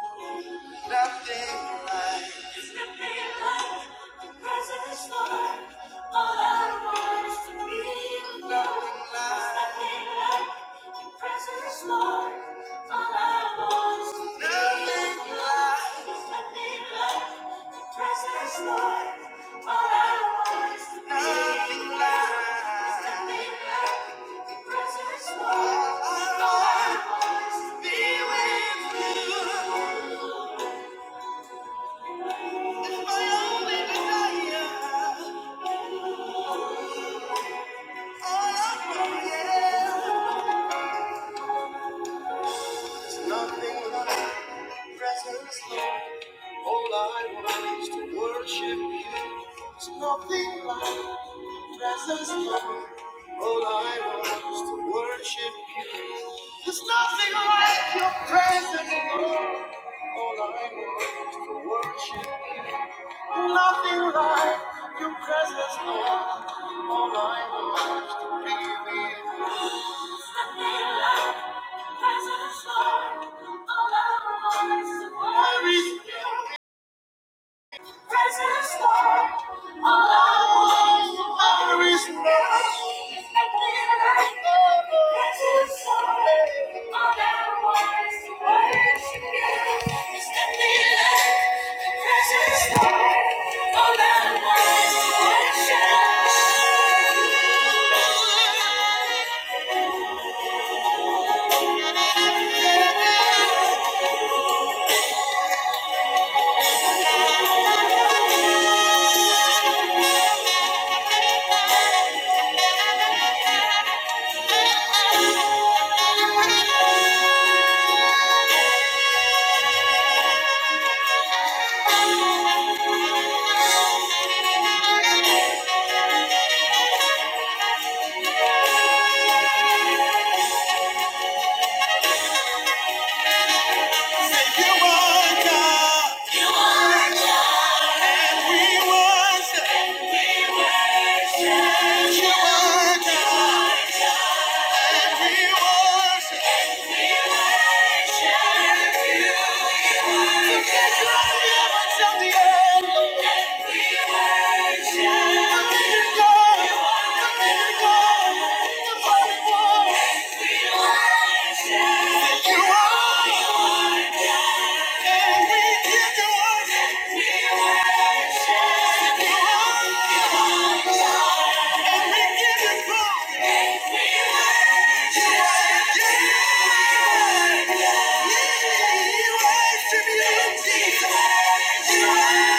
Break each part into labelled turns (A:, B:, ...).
A: Nothing like There's nothing like the presence, Lord. All I want is to be with you. Nothing like There's nothing like your presence, Lord. All I want is to be with you. like There's nothing like your presence, Lord. All I want is to be with you. like There's nothing like your presence, Lord. All I want is to be with you. Precious Lord, all I want is to worship. Thank you, Lord God, and we worship. you, Lord God, and we worship. We worship the only the Holy One. you, Lord, and we give you worship, and we give you glory. you, Lord, yeah. We worship you, Jesus. You are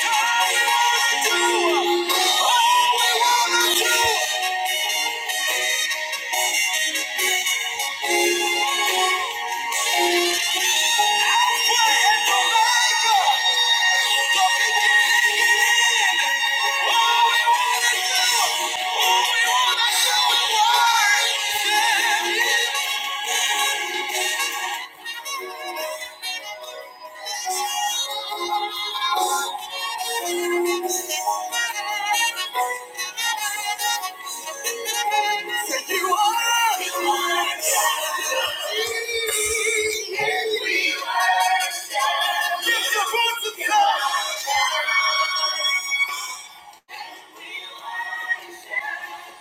A: Yeah.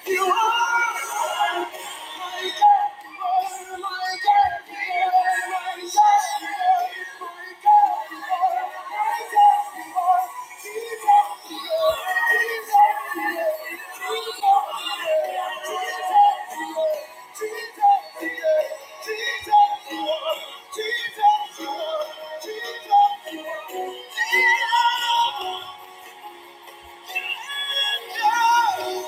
A: You are. Jesus,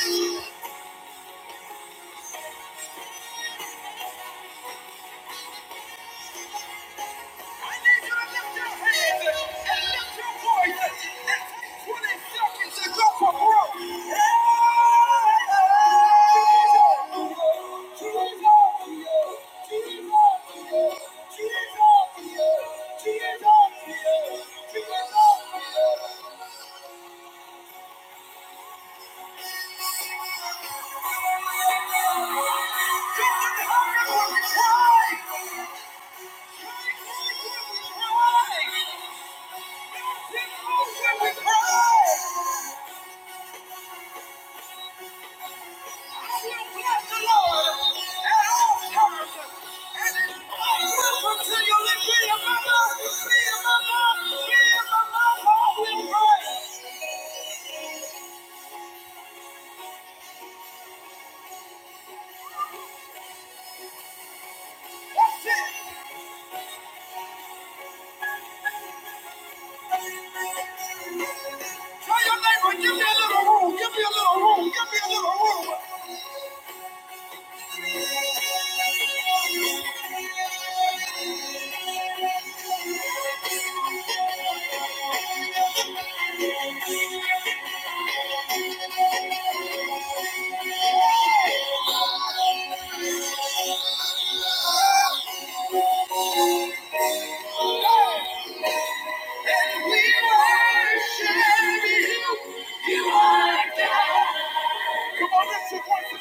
A: Thank you. Thank you. Come on, let's support the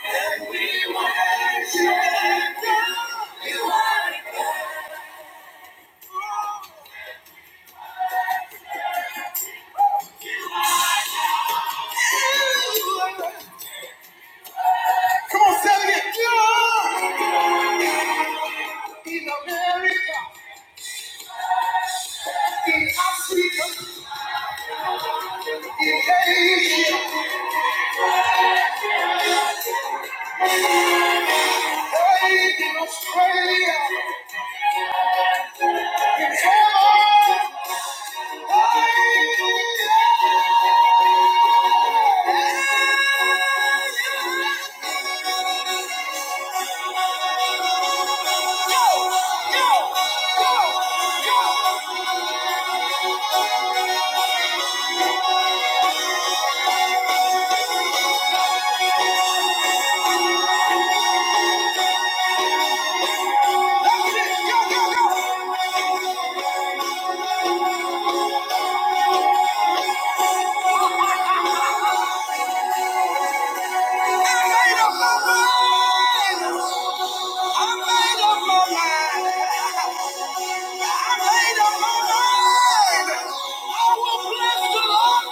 A: We worship you. You Come on, say it again. in America, in Africa, in Asia, hey, in Australia, in Taiwan. Hey, go, go, go, go. Go, go, go. I made up my mind. I made up my mind. I made up my mind. I will bless the Lord.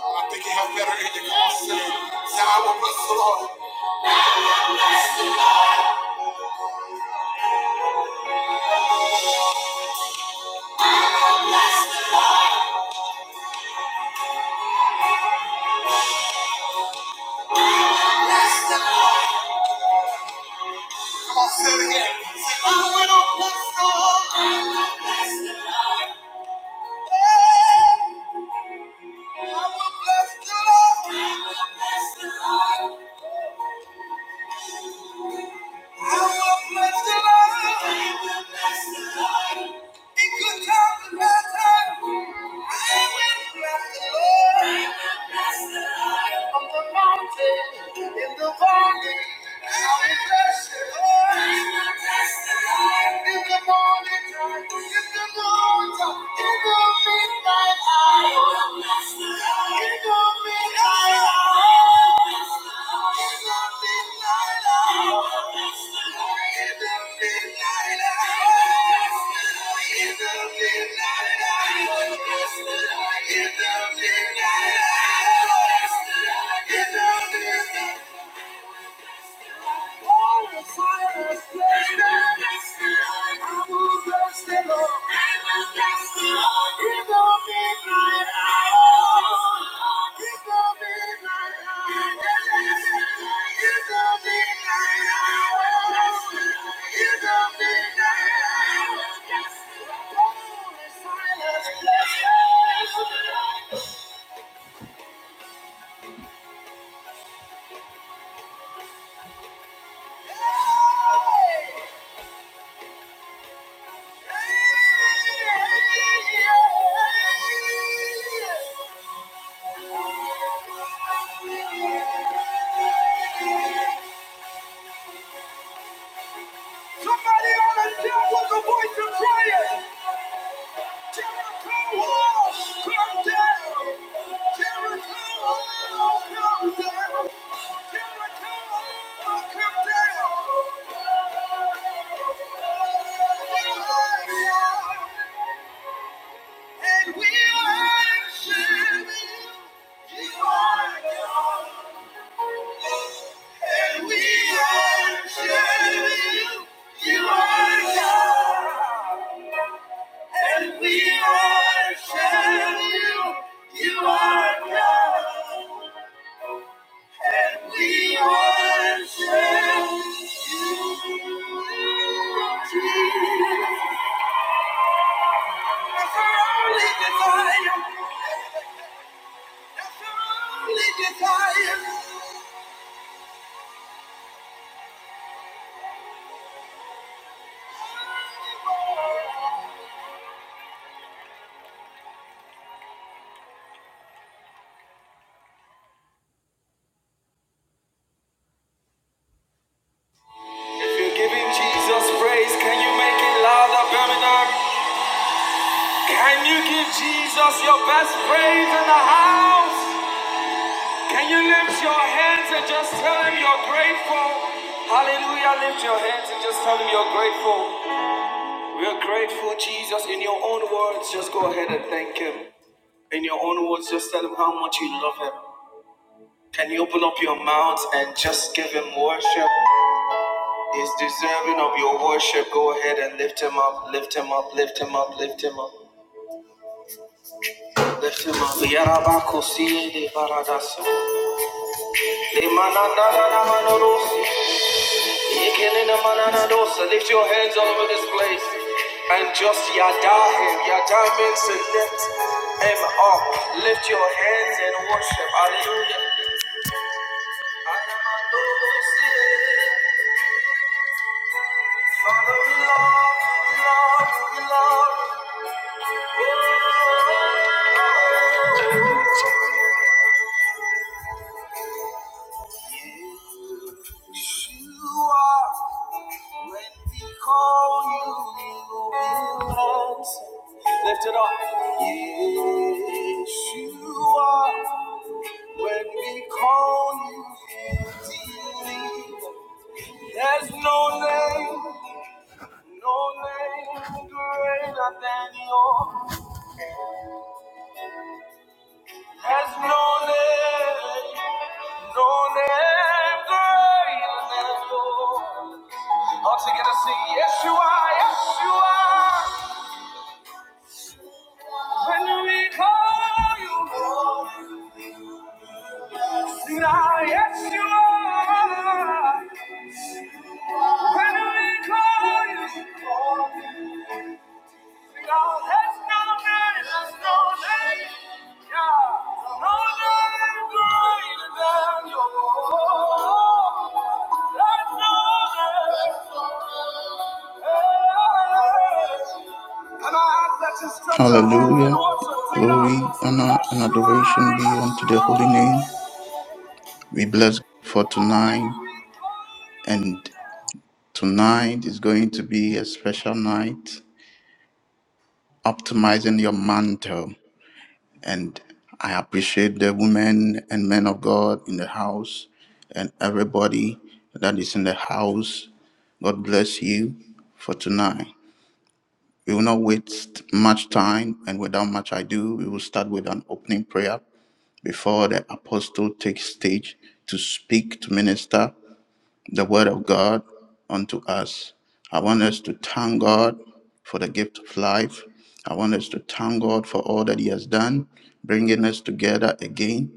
A: I think you have better in your car. Say, I will bless the Lord. Come on, say it again. In the valley, I will bless the Lord. I will bless the Lord. In the morning time, in the morning time, It's a midnight hour. Silence, Somebody ought to shout with a voice of prayer. Jericho walls come down. Jericho walls come down. Jericho walls come down. And we are you. You are God. And we worship you. You are God. And we worship you. You are God. And we worship you. Jesus. That's our only desire. That's our only desire. If you're giving Jesus praise, can you make it louder, Birmingham? Can you give Jesus your best praise in the house? Can you lift your hands and just tell him you're grateful? Hallelujah. Lift your hands and just tell him you're grateful. We're grateful, Jesus. In your own words, just go ahead and thank him. In your own words, just tell him how much you love him. Can you open up your mouth and just give him worship? He's deserving of your worship. Go ahead and lift him up, lift him up, lift him up, lift him up, lift him up. Yarabakosi de baradaso. Lift your hands all over this place and just Yadahem, Yadah means to lift him up. Lift your hands and worship. Hallelujah. Father, we love, we love, we love. You are. When we call you, you will answer. Lift it up. Yes, you are. When we call you, you deliver. There's no name, no name greater than yours. There's no name, no name greater than yours. All together sing, yes you are, yes you are. Can I ask that you stretch your hands and
B: Hallelujah.
A: worship, Tina?
B: Glory,
A: Sing
B: honor, and
A: Yeshua,
B: adoration be unto the holy name.
A: Yeshua.
B: We bless God for
A: When
B: tonight.
A: we call you.
B: And tonight is going to be a special night, optimizing your mantle. And I appreciate the women and men of God in the house and everybody that is in the house. God bless you for tonight. We will not waste much time, and without much ado, we will start with an opening prayer before the apostle takes stage to speak, to minister the word of God unto us. I want us to thank God for the gift of life. I want us to thank God for all that He has done, bringing us together again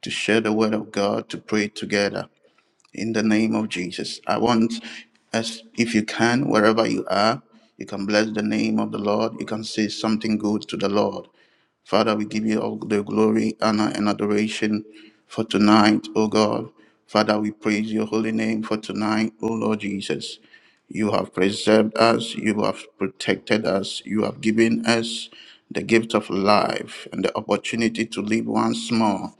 B: to share the word of God, to pray together in the name of Jesus. I want us, if you can, wherever you are, you can bless the name of the Lord. You can say something good to the Lord. Father, we give you all the glory, honor, and adoration for tonight, O God. Father, we praise your holy name for tonight, O Lord Jesus. You have preserved us, you have protected us, you have given us the gift of life and the opportunity to live once more.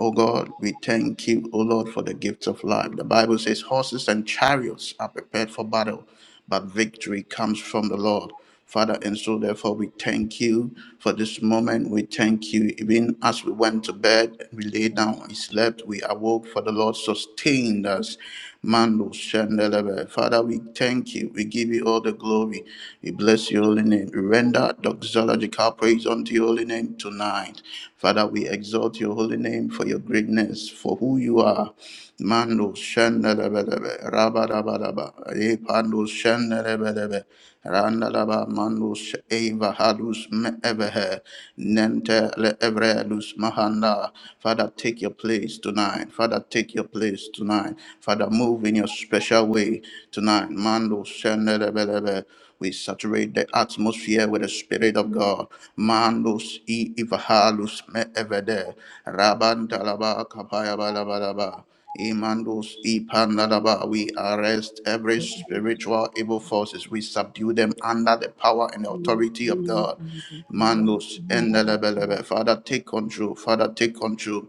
B: Oh God, we thank you, O Lord, for the gift of life. The Bible says horses and chariots are prepared for battle, but victory comes from the Lord. Father, and so therefore we thank you for this moment. We thank you. Even as we went to bed, we lay down, we slept, we awoke, for the Lord sustained us. Mando Shandelebe. Father, we thank you. We give you all the glory. We bless your holy name. We render doxological praise unto your holy name tonight. Father, we exalt your holy name for your greatness, for who you are. Mando Shandelebe. Rabba Rabba Rabba. Repando Shandelebe. Randalaba Mando Eva Halus Me Ebehe. Nente le evredus mahanda. Father, take your place tonight. Father, take your place tonight. Father, move in your special way tonight. Mando shendelebelebe. We saturate the atmosphere with the Spirit of God. Mandos i ivahalus me evede. Raban talaba kapaya balabalaba. Imandos ipandalaba. We arrest every spiritual evil forces. We subdue them under the power and authority of God. Mandos endelebelebe. Father, take control. Father, take control.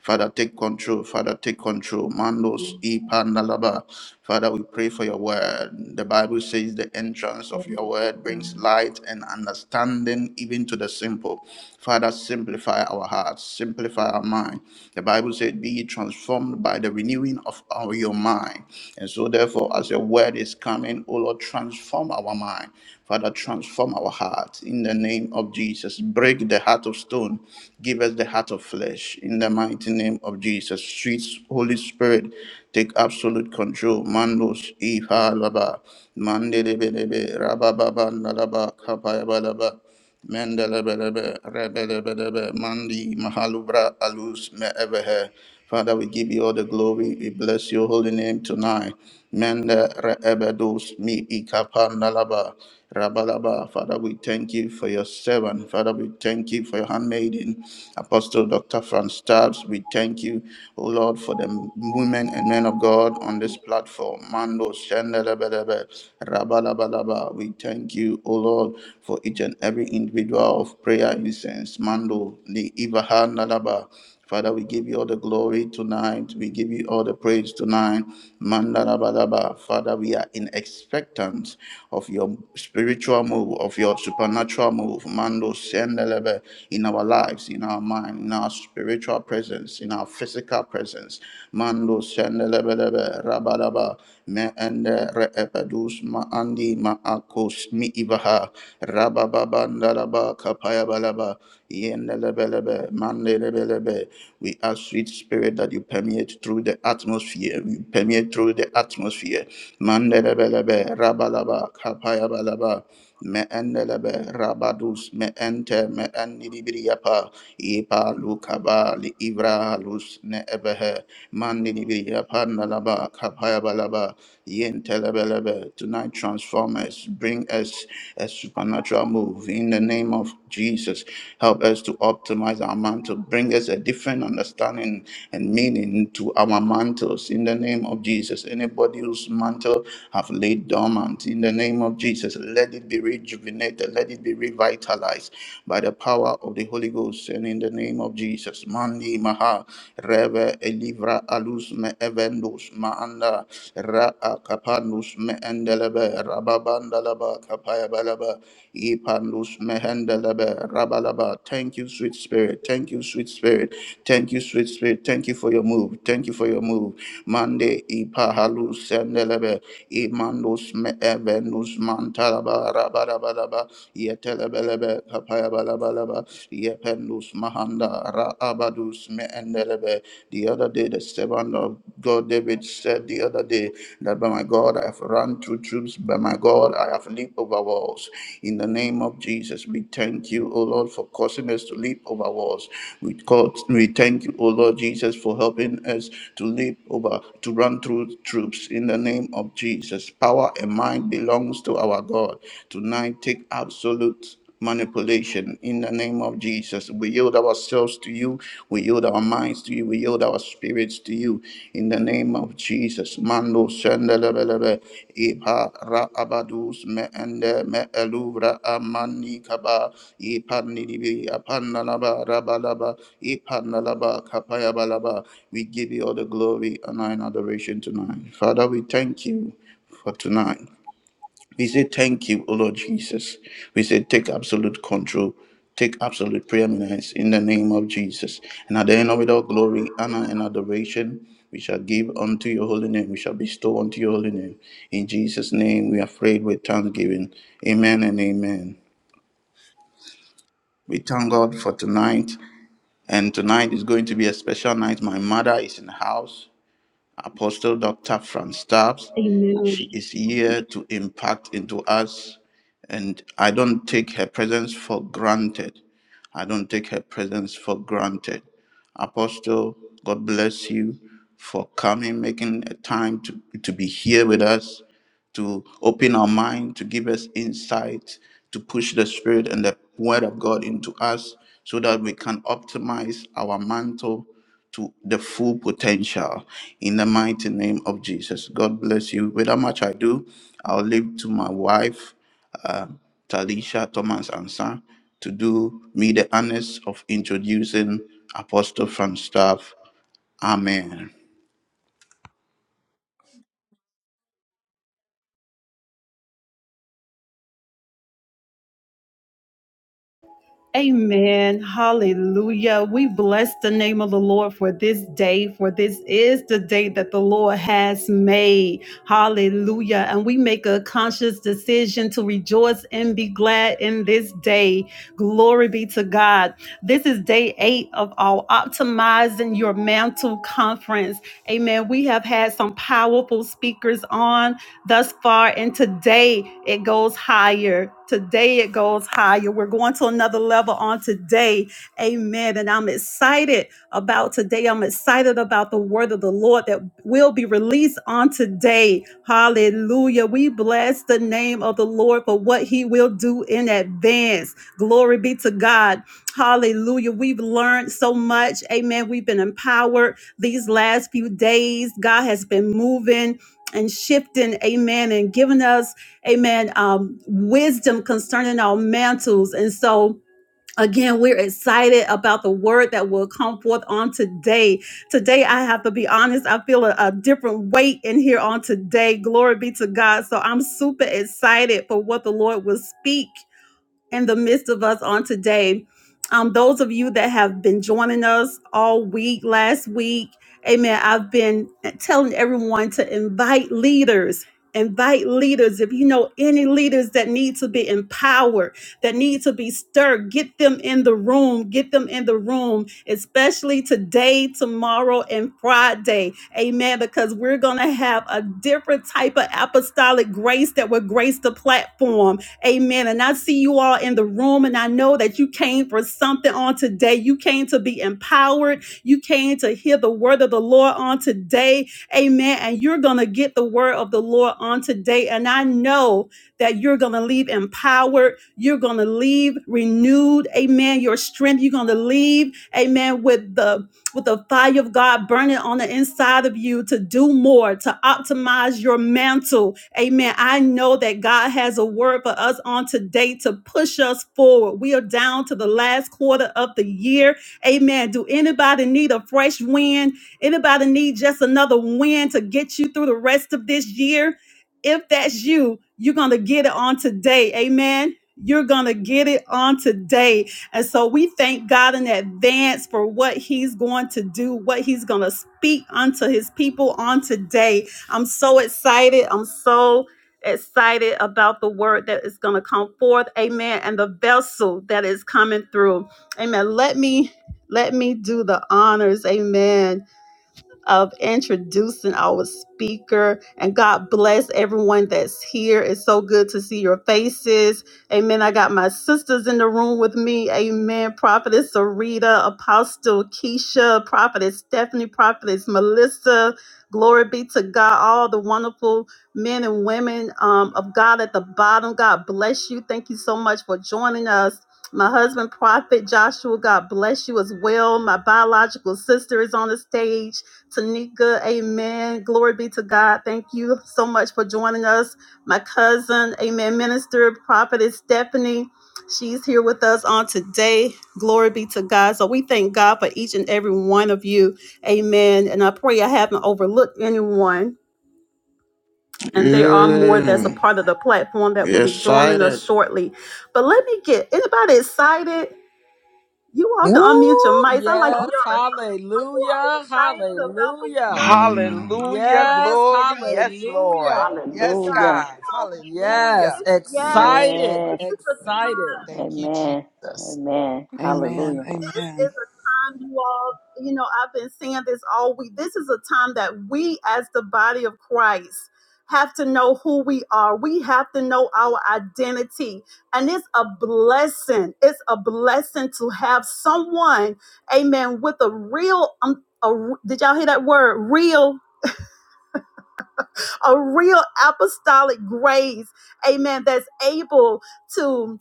B: Father, take control. Father, take control. Mandos e pandalaba. Father, we pray for your word. The Bible says the entrance of your word brings light and understanding even to the simple. Father, simplify our hearts, simplify our mind. The Bible said, Be ye transformed by the renewing of our, your mind. And so, therefore, as your as your word is coming, Oh Lord, transform our mind. Father, transform our heart in the name of Jesus. Break the heart of stone. Give us the heart of flesh in the mighty name of Jesus. Sweet Holy Spirit, take absolute control. Mandos, Iha, Laba, Mandelebelebe, Rabababa, Nalaba, Kapayabalaba. Mendelebelebe, rebelebelebe, Mandi, Mahalubra, Alus, Meebehe. Father, we give you all the glory. We bless your holy name tonight. Mende reebedos mi ikapandalaba rabalaba. Father, we thank you for your servant. Father, we thank you for your handmaiden, Apostle Dr. Franz Stabs. We thank you, O Lord, for the women and men of God on this platform. Mando shendelebelebe rabalabalaba. We thank you, O Lord, for each and every individual of prayer incense. Mando ni ibahandalaba. Father, we give you all the glory tonight. We give you all the praise tonight. Mandalabadaba. Father, we are in expectance of your spiritual move, of your supernatural move, Mando Sendelebe, in our lives, in our mind, in our spiritual presence, in our physical presence. Mando Sendelebelebe, Rabadaba, Me Ende Reepedus, Ma Andi, Ma Akos, Mi Ibaha, Rababa Bandaraba, kapaya balaba Yendelebelebe, Mandelebelebe, we ask, sweet spirit, that you permeate through the atmosphere. You permeate through the atmosphere. Mandelebelebe, rabalaba, kapayabalaba. Me endelebe, rabadus, me ente, me endidibriyapa, ipa lukaba, li ivra lus, ne ebehe, mandidibriyapa, nalaba, kapayabalaba, yentelebelebe. Tonight, transform us, bring us a supernatural move in the name of Jesus. Help us to optimize our mantle. Bring us a different understanding and meaning to our mantles in the name of Jesus. Anybody whose mantle have laid dormant in the name of Jesus, let it be rejuvenated, let it be revitalized by the power of the Holy Ghost and in the name of Jesus. Mandi Maha Reve Elivra Alus Me Evendus Maanda Ra Akapanus Me Endelebe Rababandalaba Kapayabalaba Ipandus mehendelebe rabalaba. Thank you, sweet spirit. Thank you, sweet spirit. Thank you, sweet spirit. Thank you for your move. Thank you for your move. Mande ipahalu sendelebe. Imandus me evenus mantalaba rabalabalaba. Yetelebelebe kapayabalabalaba. Yependus mahanda raabadus me endelebe. The other day, the servant of God David said the other day that by my God I have run through troops, by my God I have leaped over walls. In the name of Jesus, we thank you, O Lord, for causing us to leap over walls. We, call, we thank you, O Lord Jesus, for helping us to leap over, to run through troops. In the name of Jesus, power and mind belongs to our God. Tonight, take absolute manipulation in the name of Jesus. We yield ourselves to you. We yield our minds to you. We yield our spirits to you in the name of Jesus. Mando shendelebelebe ipa ra abadus me ende me eluvra amani kaba ipa nidibi apanalaba rabalaba ipa nalaba ipanalaba kapayabalaba. We give you all the glory and honor and adoration tonight. Father, we thank you for tonight. We say thank you, O Lord Jesus. We say take absolute control, take absolute preeminence in the name of Jesus. And at the end of it all, glory, honor, and adoration we shall give unto your holy name. We shall bestow unto your holy name. In Jesus' name we are prayed with thanksgiving. Amen and amen. We thank God for tonight. And tonight is going to be a special night. My mother is in the house. Apostle Dr. Franz Stubbs. She is here to impact into us, and I don't take her presence for granted. I don't take her presence for granted. Apostle, God bless you for coming, making a time to, to be here with us to open our mind, to give us insight, to push the Spirit and the Word of God into us so that we can optimize our mantle to the full potential in the mighty name of Jesus. God bless you. Without much I do, I'll leave to my wife, uh, Talisha Thomas Ansa, to do me the honors of introducing Apostle Frank staff. Amen.
A: Amen. Hallelujah. We bless the name of the Lord for this day, for this is the day that the Lord has made. Hallelujah. And we make a conscious decision to rejoice and be glad in this day. Glory be to God. This is day eight of our Optimizing Your Mantle conference. Amen. We have had some powerful speakers on thus far. And today it goes higher. Today it goes higher. We're going to another level on today. Amen. And I'm excited about today. I'm excited about the word of the Lord that will be released on today. Hallelujah. We bless the name of the Lord for what he will do in advance. Glory be to God. Hallelujah. We've learned so much. Amen. We've been empowered these last few days. God has been moving and shifting, amen, and giving us, amen, um, wisdom concerning our mantles. And so, again, we're excited about the word that will come forth on today. Today, I have to be honest, I feel a, a different weight in here on today. Glory be to God. So, I'm super excited for what the Lord will speak in the midst of us on today. Um, those of you that have been joining us all week, last week, amen. I've been telling everyone to invite leaders. Invite leaders. If you know any leaders that need to be empowered, that need to be stirred, get them in the room. Get them in the room, especially today, tomorrow, and Friday. Amen. Because we're going to have a different type of apostolic grace that will grace the platform Amen. And I see you all in the room, and I know that you came for something on today. You came to be empowered. You came to hear the word of the Lord on today. Amen. And you're going to get the word of the Lord on today. And I know that you're going to leave empowered. You're going to leave renewed. Amen. Your strength, you're going to leave. Amen. With the with the fire of God burning on the inside of you to do more, to optimize your mantle. Amen. I know that God has a word for us on today to push us forward. We are down to the last quarter of the year. Amen. Do anybody need a fresh wind? Anybody need just another wind to get you through the rest of this year? If that's you, you're going to get it on today. Amen. You're going to get it on today. And so we thank God in advance for what He's going to do, what He's going to speak unto His people on today. I'm so excited. I'm so excited about the word that is going to come forth. Amen. And the vessel that is coming through. Amen. Let me let me do the honors. Amen of introducing our speaker. And God bless everyone that's here. It's so good to see your faces. Amen. I got my sisters in the room with me. Amen. Prophetess Sarita, Apostle Keisha, Prophetess Stephanie, Prophetess Melissa. Glory be to God, all the wonderful men and women um, of God at the bottom. God bless you. Thank you so much for joining us. My husband, Prophet Joshua, God bless you as well. My biological sister is on the stage. Tanika, amen. Glory be to God. Thank you so much for joining us. My cousin, amen, minister, prophetess Stephanie, she's here with us on today. Glory be to God. So we thank God for each and every one of you. Amen. And I pray I haven't overlooked anyone. And there are more that's a
B: Yeah,
A: part of the platform that will
B: we're
A: be joining
B: excited.
A: us shortly. But let me get anybody excited? You all can unmute your
C: Woo!
A: mics. I like y'all
C: Yes,
A: to talk. You are
C: hallelujah,
A: excited about the
C: hallelujah.
A: word of
B: Mm.
D: Hallelujah.
A: God
C: Yes,
A: on
D: Glory.
A: today.
D: Yes, Lord.
A: Glory
C: hallelujah.
A: be to
D: Yes,
A: God.
E: Hallelujah.
A: We
D: God.
A: know
D: Hallelujah.
C: Yes,
A: it's yes.
C: excited,
E: Yes.
A: This is the
C: excited.
A: time
E: Amen. Amen.
F: Amen.
E: Hallelujah.
A: this is
F: Amen.
A: a time you all you know i've been saying this all week this is a time that we as the body of christ have to know who we are we have to know our identity and it's a blessing it's a blessing to have someone amen with a real um, a, did y'all hear that word real a real apostolic grace, amen, that's able to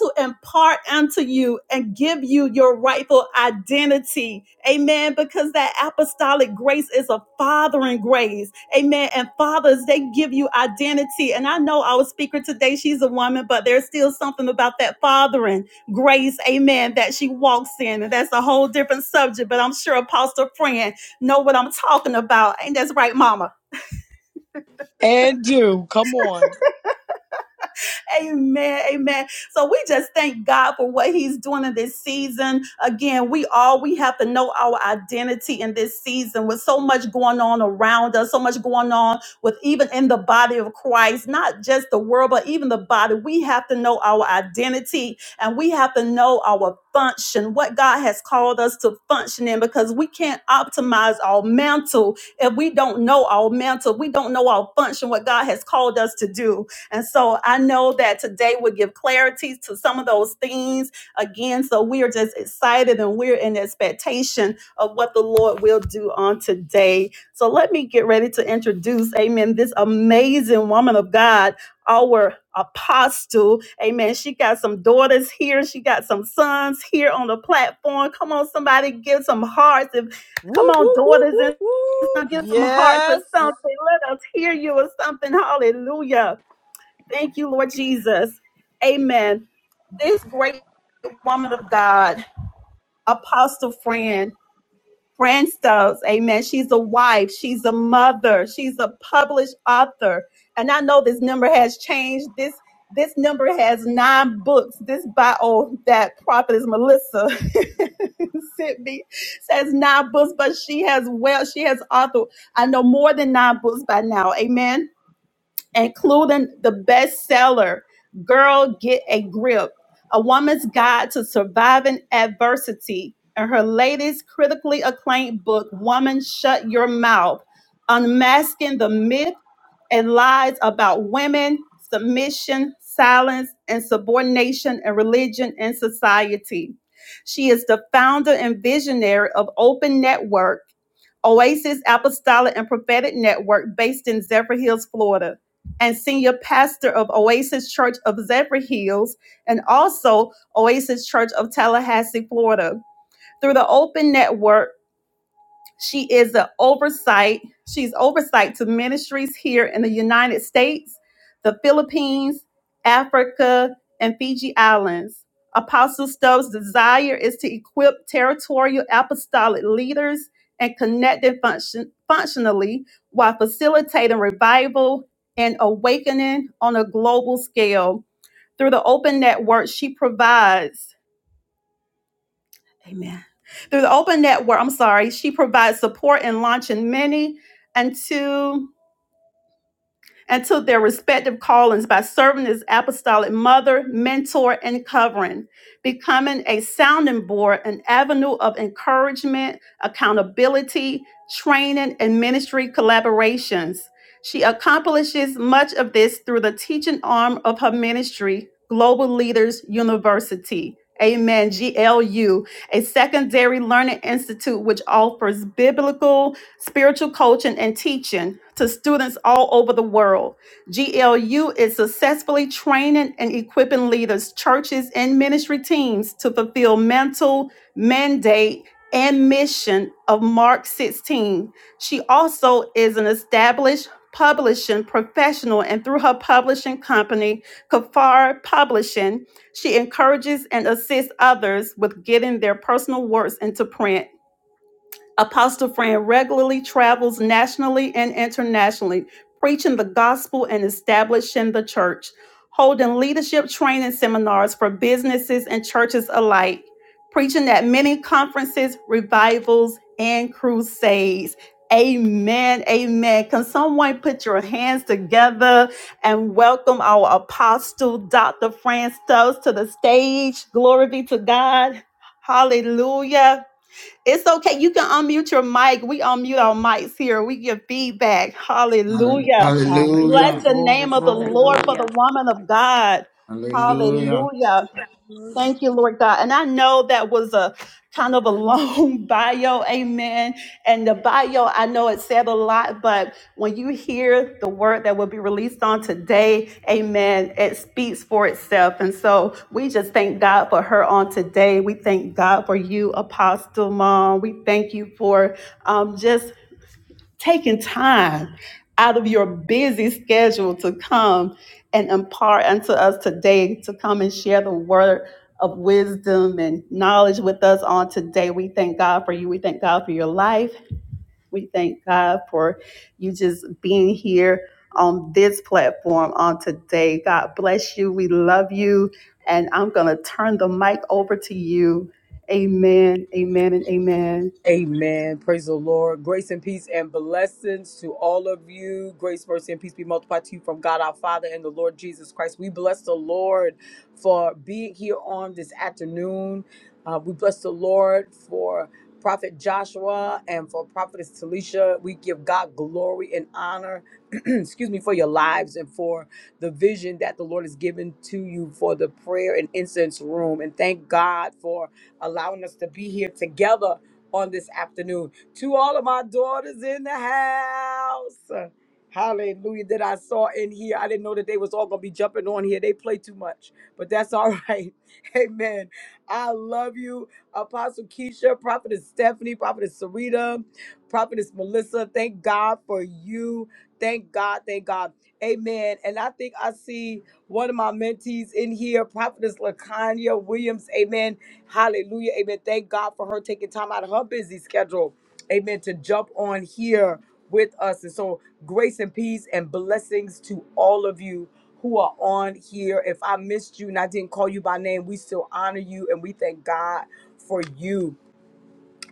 A: to impart unto you and give you your rightful identity. Amen. Because that apostolic grace is a fathering grace. Amen. And fathers, they give you identity. And I know our speaker today, she's a woman, but there's still something about that fathering grace. Amen. That she walks in. And that's a whole different subject, but I'm sure Apostle Friend know what I'm talking about. Ain't that right, mama?
G: And do. Come on.
A: Amen. Amen. So we just thank God for what He's doing in this season. Again, we all we have to know our identity in this season with so much going on around us, so much going on with even in the body of Christ, not just the world, but even the body. We have to know our identity and we have to know our function, what God has called us to function in, because we can't optimize our mantle if we don't know our mantle, we don't know our function, what God has called us to do. And so I know that today would give clarity to some of those things again. So we are just excited and we're in expectation of what the Lord will do on today. So let me get ready to introduce, amen, this amazing woman of God, our apostle. Amen. She got some daughters here. She got some sons here on the platform. Come on, somebody give some hearts. If come
C: Woo,
A: on,
C: woo, woo,
A: daughters
C: woo,
A: and
C: woo.
A: sons, give some hearts or
C: Yes.
A: something. Let us hear you or something. Hallelujah. Thank you, Lord Jesus. Amen. This great woman of God, Apostle Fran, Fran Stokes, amen. She's a wife, she's a mother, she's a published author. And I know this number has changed. This this number has nine books. This bio that prophetess Melissa sent me says nine books, but she has well, she has authored, I know more than nine books by now. Amen including the bestseller, Girl Get a Grip, A Woman's Guide to Surviving Adversity, and her latest critically acclaimed book, Woman Shut Your Mouth, Unmasking the Myth and Lies About Women, Submission, Silence, and Subordination in Religion and Society. She is the founder and visionary of Open Network Oasis Apostolic and Prophetic Network based in Zephyr Hills, Florida, and senior pastor of Oasis Church of Zephyr Hills and also Oasis Church of Tallahassee, Florida. Through the Open Network, she is the oversight. She's oversight to ministries here in the United States, the Philippines, Africa, and Fiji Islands. Apostle Stubbs' desire is to equip territorial apostolic leaders and connect them function, functionally while facilitating revival and awakening on a global scale. Through the open network she provides Amen. Through the open network, I'm sorry, she provides support in launching many and two and to their respective callings by serving as apostolic mother, mentor, and covering, becoming a sounding board, an avenue of encouragement, accountability, training, and ministry collaborations. She accomplishes much of this through the teaching arm of her ministry, Global Leaders University. Amen. GLU, a secondary learning institute which offers biblical spiritual coaching, and teaching to students all over the world. GLU is successfully training and equipping leaders, churches, and ministry teams to fulfill mental mandate and mission of Mark 16. She also is an established publishing professional and through her publishing company, Kafar Publishing, she encourages and assists others with getting their personal works into print Apostle Fran regularly travels nationally and internationally, preaching the gospel and establishing the church, holding leadership training seminars for businesses and churches alike, preaching at many conferences, revivals, and crusades. Amen. Amen. Can someone put your hands together and welcome our apostle, Dr. Fran Stokes, to the stage? Glory be to God. Hallelujah. It's okay. You can unmute your mic. We unmute our mics here. We give feedback.
B: Hall-
A: Hallelujah. Bless
F: Hallelujah.
B: Hallelujah.
A: the
F: Glory,
A: name of the
F: glory,
A: Lord
F: glory.
A: for the
E: Hallelujah.
A: woman of God.
B: Hallelujah.
A: Hallelujah. Thank you, Lord God. And I know that was a kind of a long bio, amen. And the bio, I know it said a lot, but when you hear the word that will be released on today, amen, it speaks for itself. And so we just thank God for her on today. We thank God for you, Apostle Mom. We thank you for um, just taking time out of your busy schedule to come and impart unto us today to come and share the word of wisdom and knowledge with us on today. We thank God for you. We thank God for your life. We thank God for you just being here on this platform on today. God bless you. We love you. And I'm going to turn the mic over to you. Amen, amen, and amen.
G: Amen. Praise the Lord. Grace and peace and blessings to all of you. Grace, mercy, and peace be multiplied to you from God our Father and the Lord Jesus Christ. We bless the Lord for being here on this afternoon. Uh, we bless the Lord for Prophet Joshua and for Prophetess Talisha. We give God glory and honor, excuse me, for your lives and for the vision that the Lord has given to you for the prayer and incense room. And thank God for allowing us to be here together on this afternoon. To all of my daughters in the house. Hallelujah. That I saw in here. I didn't know that they was all gonna be jumping on here. They play too much. But that's all right. Amen. I love you. Apostle Keisha, Prophetess Stephanie, Prophetess Sarita, Prophetess Melissa. Thank God for you. Thank God. Thank God. Amen. And I think I see one of my mentees in here, Prophetess Lakanya Williams. Amen. Hallelujah. Amen. Thank God for her taking time out of her busy schedule. Amen. To jump on here with us. And so, grace and peace and blessings to all of you who are on here. If I missed you and I didn't call you by name, we still honor you and we thank God for you.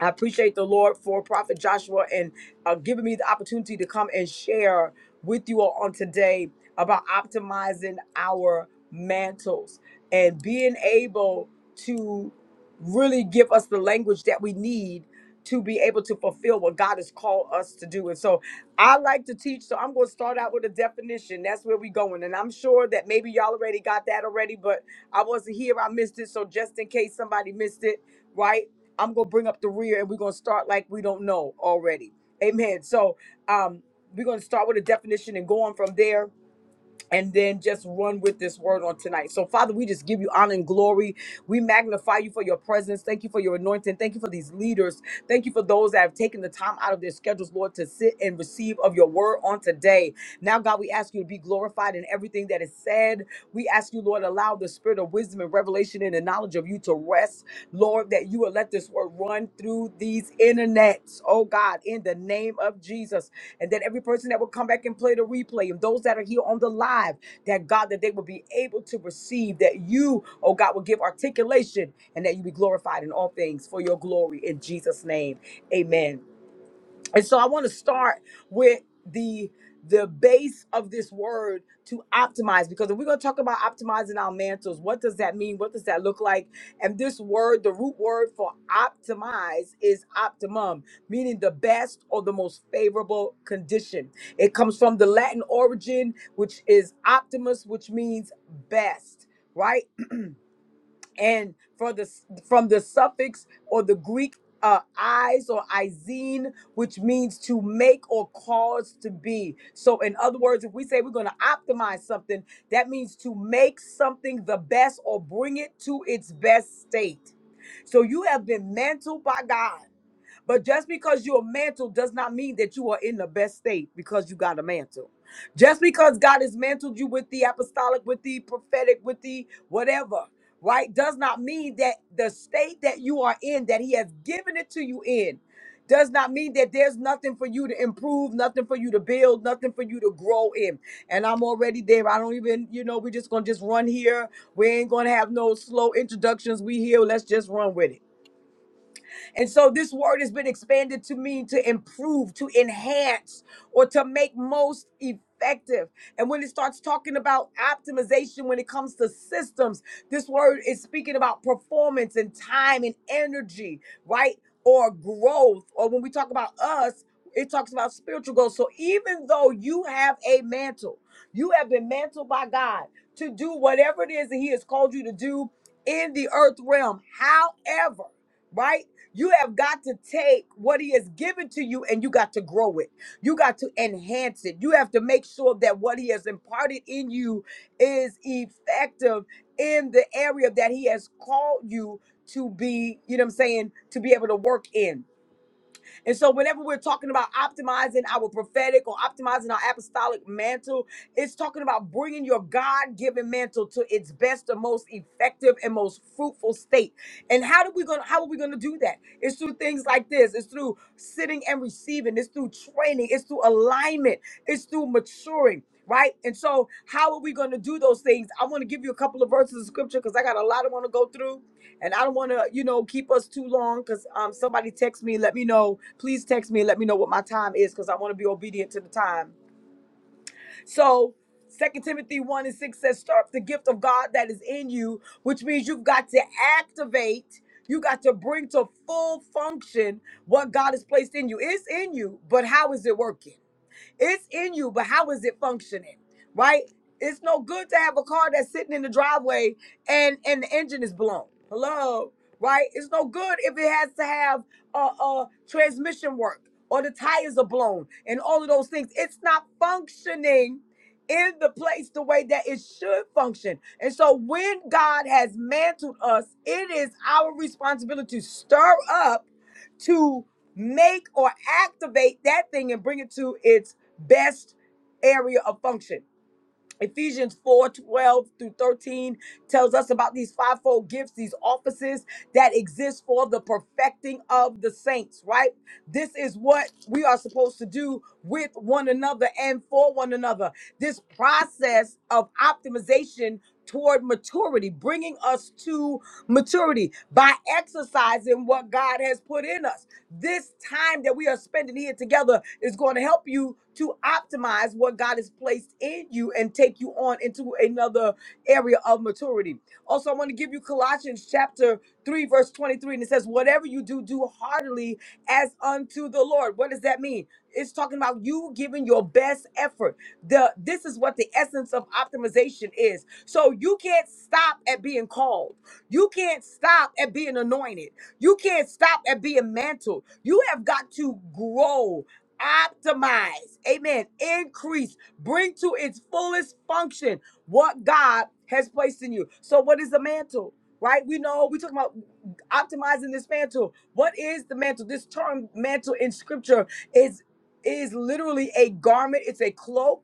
G: I appreciate the Lord for Prophet Joshua and uh, giving me the opportunity to come and share with you all on today about optimizing our mantles and being able to really give us the language that we need to be able to fulfill what God has called us to do. And so I like to teach, so I'm going to start out with a definition. That's where we're going. And I'm sure that maybe y'all already got that already, but I wasn't here. I missed it. So just in case somebody missed it, right? I'm gonna bring up the rear and we're gonna start like we don't know already. Amen. So um we're gonna start with a definition and go on from there and then just run with this word on tonight. So, Father, we just give you honor and glory. We magnify you for your presence. Thank you for your anointing. Thank you for these leaders. Thank you for those that have taken the time out of their schedules, Lord, to sit and receive of your word on today. Now, God, we ask you to be glorified in everything that is said. We ask you, Lord, allow the spirit of wisdom and revelation and the knowledge of you to rest, Lord, that you will let this word run through these internets, oh God, in the name of Jesus and that every person that will come back and play the replay and those that are here on the live, that God, that they will be able to receive, that you, oh God, will give articulation and that you be glorified in all things for your glory in Jesus' name. Amen and so I want to start with the the base of this word to optimize because if we're going to talk about optimizing our mantles, what does that mean? What does that look like? And this word, the root word for optimize is optimum, meaning the best or the most favorable condition. It comes from the Latin origin, which is optimus, which means best. Right? and for the from the suffix or the Greek uh, eyes or "izine," which means to make or cause to be. So, in other words, if we say we're going to optimize something, that means to make something the best or bring it to its best state. So, you have been mantled by God but just because you're mantled does not mean that you are in the best state because you got a mantle. Just because God has mantled you with the apostolic, with the prophetic, with the whatever, right, does not mean that the state that you are in, that He has given it to you in, does not mean that there's nothing for you to improve, nothing for you to build, nothing for you to grow in. And I'm already there. I don't even, you know, we're just gonna just run here. We ain't gonna have no slow introductions. We here. Let's just run with it. And so this word has been expanded to mean to improve, to enhance, or to make most effective. And when it starts talking about optimization, when it comes to systems, this word is speaking about performance and time and energy, right? Or growth. Or when we talk about us, it talks about spiritual growth. So even though you have a mantle, you have been mantled by God to do whatever it is that He has called you to do in the earth realm. However, right? You have got to take what he has given to you and you got to grow it. You got to enhance it. You have to make sure that what he has imparted in you is effective in the area that he has called you to be, you know what I'm saying, to be able to work in. And so, whenever we're talking about optimizing our prophetic or optimizing our apostolic mantle, it's talking about bringing your God given mantle to its best and most effective and most fruitful state. And how do we gonna how are we gonna do that? It's through things like this. It's through sitting and receiving. It's through training. It's through alignment. It's through maturing. Right. And so, how are we going to do those things? I want to give you a couple of verses of scripture because I got a lot I want to go through and I don't want to, you know, keep us too long because um, somebody text me, let me know. Please text me and let me know what my time is because I want to be obedient to the time. So, Second Timothy 1 and 6 says, Stir up the gift of God that is in you, which means you've got to activate, you got to bring to full function what God has placed in you. It's in you, but how is it working? It's in you, but how is it functioning? Right? It's no good to have a car that's sitting in the driveway and and the engine is blown. Hello, right? It's no good if it has to have uh, uh transmission work or the tires are blown and all of those things. It's not functioning in the place the way that it should function. And so when God has mantled us, it is our responsibility to stir up to make or activate that thing and bring it to its best area of function. Ephesians 4 12 through 13 tells us about these fivefold gifts, these offices that exist for the perfecting of the saints, right? This is what we are supposed to do with one another and for one another. This process of optimization toward maturity, bringing us to maturity by exercising what God has put in us. This time that we are spending here together is going to help you to optimize what God has placed in you and take you on into another area of maturity. Also, I want to give you Colossians chapter 3, verse 23, and it says, Whatever you do, do heartily as unto the Lord. What does that mean? It's talking about you giving your best effort. The this is what the essence of optimization is. So you can't stop at being called. You can't stop at being anointed. You can't stop at being mantled. You have got to grow, optimize, amen, increase, bring to its fullest function what God has placed in you. So, what is the mantle? Right? We know we talk about optimizing this mantle. What is the mantle? This term mantle in scripture is is literally a garment, it's a cloak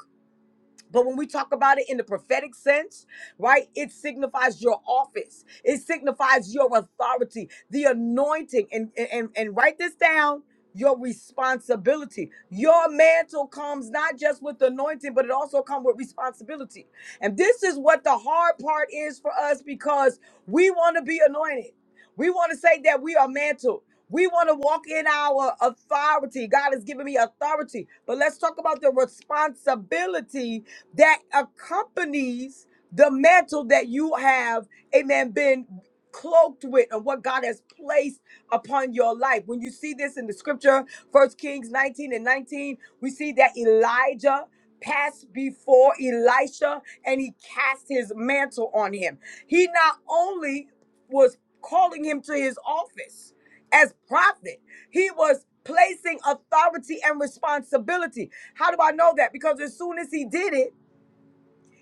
G: but when we talk about it in the prophetic sense, right, it signifies your office. It signifies your authority, the anointing. And, and, and write this down your responsibility. Your mantle comes not just with anointing, but it also comes with responsibility. And this is what the hard part is for us because we want to be anointed. We want to say that we are mantled. We want to walk in our authority. God has given me authority. But let's talk about the responsibility that accompanies the mantle that you have, amen, been cloaked with and what God has placed upon your life. When you see this in the scripture, First Kings 19 and 19, we see that Elijah passed before Elisha and he cast his mantle on him. He not only was calling him to his office as prophet, he was placing authority and responsibility. How do I know that? Because as soon as he did it,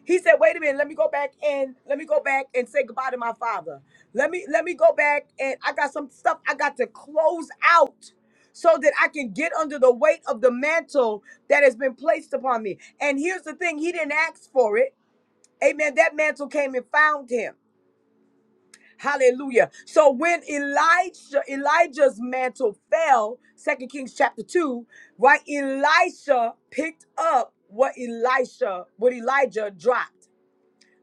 G: he said, "Wait a minute. Let me go back and let me go back and say goodbye to my father. Let me let me go back and I got some stuff I got to close out." So that I can get under the weight of the mantle that has been placed upon me. And here's the thing, he didn't ask for it. Amen. That mantle came and found him. Hallelujah. So when Elijah, Elijah's mantle fell, Second Kings chapter 2, right? Elisha picked up what Elisha, what Elijah dropped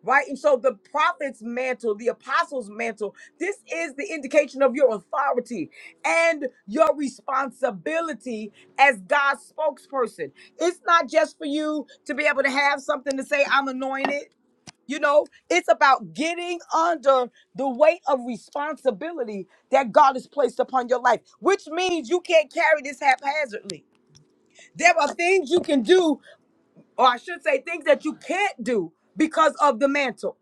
G: right? And so the prophet's mantle, the apostle's mantle, this is the indication of your authority and your responsibility as God's spokesperson. It's not just for you to be able to have something to say, I'm anointed. You know, it's about getting under the weight of responsibility that God has placed upon your life, which means you can't carry this haphazardly. There are things you can do, or I should say, things that you can't do because of the mantle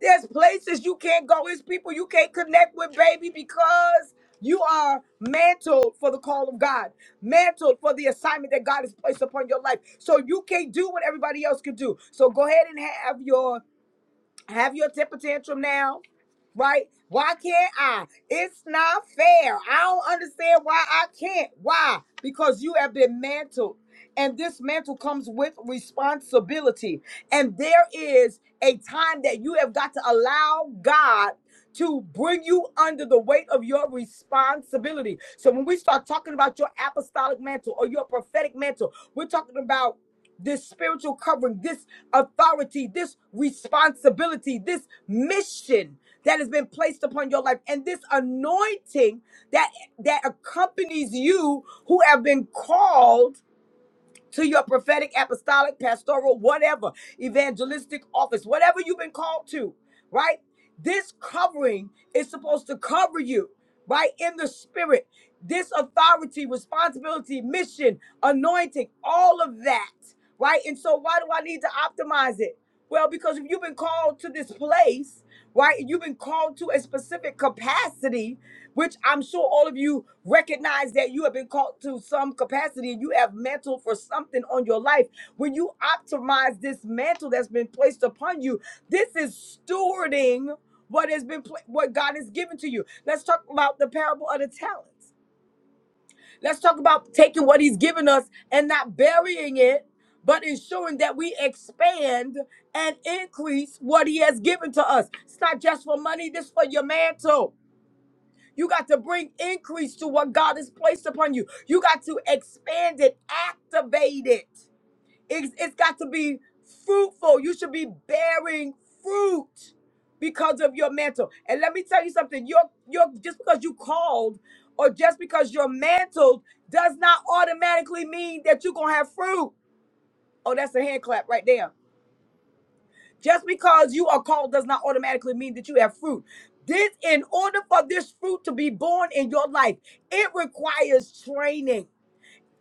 G: there's places you can't go. There's people you can't connect with, baby, because you are mantled for the call of God, mantled for the assignment that God has placed upon your life. So you can't do what everybody else can do. So go ahead and have your have your temper tantrum now right? Why can't I? It's not fair. I don't understand why I can't. Why? Because you have been mantled. And this mantle comes with responsibility. And there is a time that you have got to allow God to bring you under the weight of your responsibility. So when we start talking about your apostolic mantle or your prophetic mantle, we're talking about this spiritual covering, this authority, this responsibility, this mission that has been placed upon your life and this anointing that that accompanies you who have been called to your prophetic, apostolic, pastoral, whatever, evangelistic office, whatever you've been called to, right? This covering is supposed to cover you, right? In the spirit, this authority, responsibility, mission, anointing, all of that, right? And so, why do I need to optimize it? Well, because if you've been called to this place, right, you've been called to a specific capacity, which I'm sure all of you recognize that you have been called to some capacity and you have mantle for something on your life. When you optimize this mantle that's been placed upon you, this is stewarding what has been pla- what God has given to you. Let's talk about the parable of the talents. Let's talk about taking what he's given us and not burying it, but ensuring that we expand and increase what he has given to us. It's not just for money, this is for your mantle. You got to bring increase to what God has placed upon you. You got to expand it, activate it. It's, it's got to be fruitful. You should be bearing fruit because of your mantle. And let me tell you something. You're, you're just because you called or just because you're mantled does not automatically mean that you're going to have fruit. Oh, that's a hand clap right there. Just because you are called does not automatically mean that you have fruit. This, in order for this fruit to be born in your life, it requires training.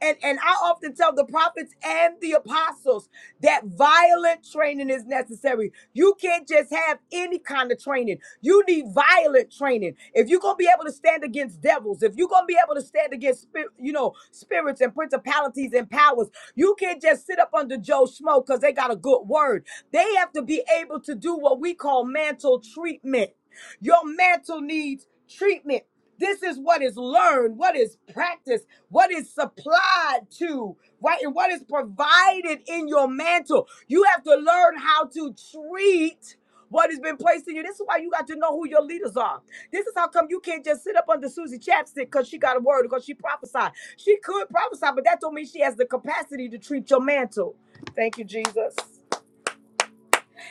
G: And, and I often tell the prophets and the apostles that violent training is necessary. You can't just have any kind of training. You need violent training. If you're gonna be able to stand against devils, if you're gonna be able to stand against spirit, you know, spirits and principalities and powers, you can't just sit up under Joe Schmo because they got a good word. They have to be able to do what we call mantle treatment. Your mantle needs treatment. This is what is learned, what is practiced, what is supplied to, right? And what is provided in your mantle. You have to learn how to treat what has been placed in you. This is why you got to know who your leaders are. This is how come you can't just sit up under Susie Chapstick because she got a word, because she prophesied. She could prophesy, but that don't mean she has the capacity to treat your mantle. Thank you, Jesus.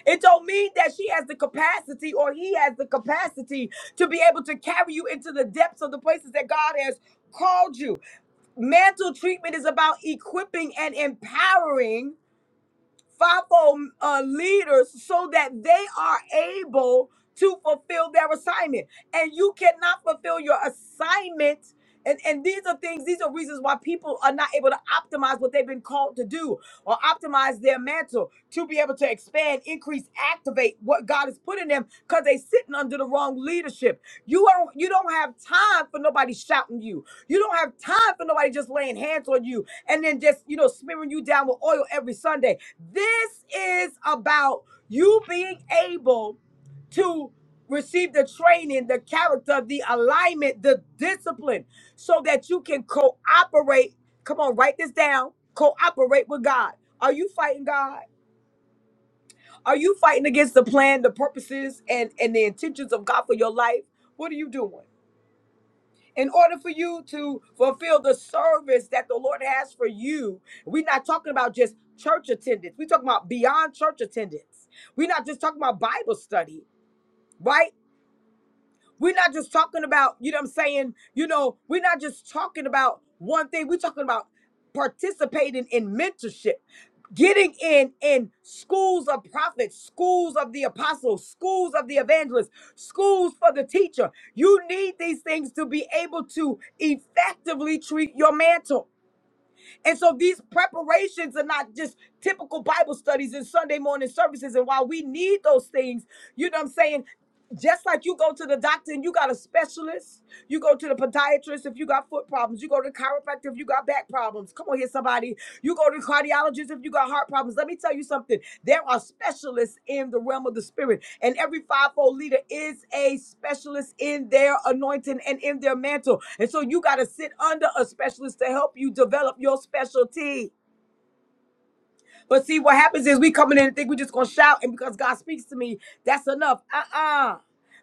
G: It don't mean that she has the capacity or he has the capacity to be able to carry you into the depths of the places that God has called you. Mantle treatment is about equipping and empowering fivefold uh, leaders so that they are able to fulfill their assignment. And you cannot fulfill your assignment. And, and these are things, these are reasons why people are not able to optimize what they've been called to do or optimize their mantle to be able to expand increase activate what God has put in them because they sitting under the wrong leadership. You don't you don't have time for nobody shouting you. You don't have time for nobody just laying hands on you and then just you know smearing you down with oil every Sunday. This is about you being able to receive the training, the character, the alignment, the discipline, so that you can cooperate. Come on, write this down. Cooperate with God. Are you fighting God? Are you fighting against the plan, the purposes, and, and the intentions of God for your life? What are you doing? In order for you to fulfill the service that the Lord has for you, we're not talking about just church attendance. We're talking about beyond church attendance. We're not just talking about Bible study, right? We're not just talking about, you know what I'm saying? You know, we're not just talking about one thing. We're talking about participating in mentorship, getting in in schools of prophets, schools of the apostles, schools of the evangelists, schools for the teacher. You need these things to be able to effectively treat your mantle. And so these preparations are not just typical Bible studies and Sunday morning services. And while we need those things, you know what I'm saying? Just like you go to the doctor and you got a specialist, you go to the podiatrist if you got foot problems, you go to the chiropractor if you got back problems. Come on here, somebody somebody. You go to cardiologists if you got heart problems. Let me tell you something. There are specialists in the realm of the spirit, and every fivefold leader is a specialist in their anointing and in their mantle. And so you got to sit under a specialist to help you develop your specialty. But see, what happens is we coming in and think we just gonna shout, and because God speaks to me, that's enough. Uh-uh.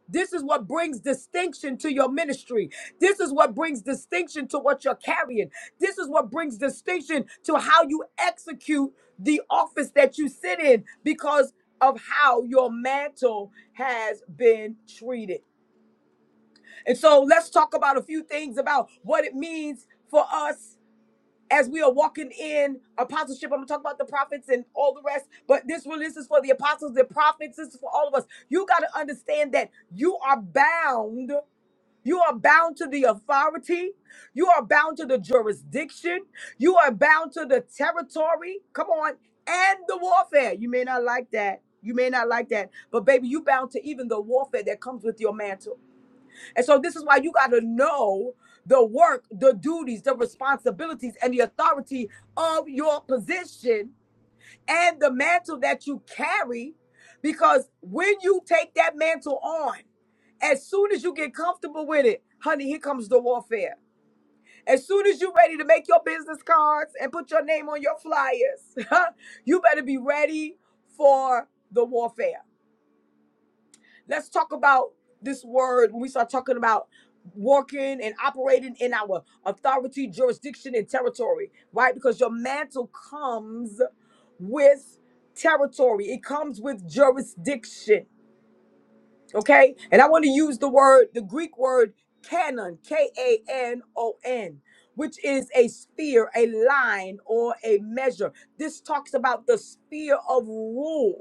G: This is what brings distinction to your ministry. This is what brings distinction to what you're carrying. This is what brings distinction to how you execute the office that you sit in because of how your mantle has been treated. And so let's talk about a few things about what it means for us as we are walking in apostleship. I'm gonna talk about the prophets and all the rest, but this release is for the apostles, the prophets, this is for all of us. You got to understand that you are bound. You are bound to the authority. You are bound to the jurisdiction. You are bound to the territory. Come on. And the warfare. You may not like that. You may not like that. But baby, you bound to even the warfare that comes with your mantle. And so this is why you got to know the work, the duties, the responsibilities, and the authority of your position and the mantle that you carry. Because when you take that mantle on, as soon as you get comfortable with it, honey, here comes the warfare. As soon as you're ready to make your business cards and put your name on your flyers, you better be ready for the warfare. Let's talk about this word when we start talking about working and operating in our authority, jurisdiction, and territory, right? Because your mantle comes with territory, it comes with jurisdiction, okay? And I want to use the word, the Greek word canon, K A N O N. Which is a sphere, a line, or a measure. This talks about the sphere of rule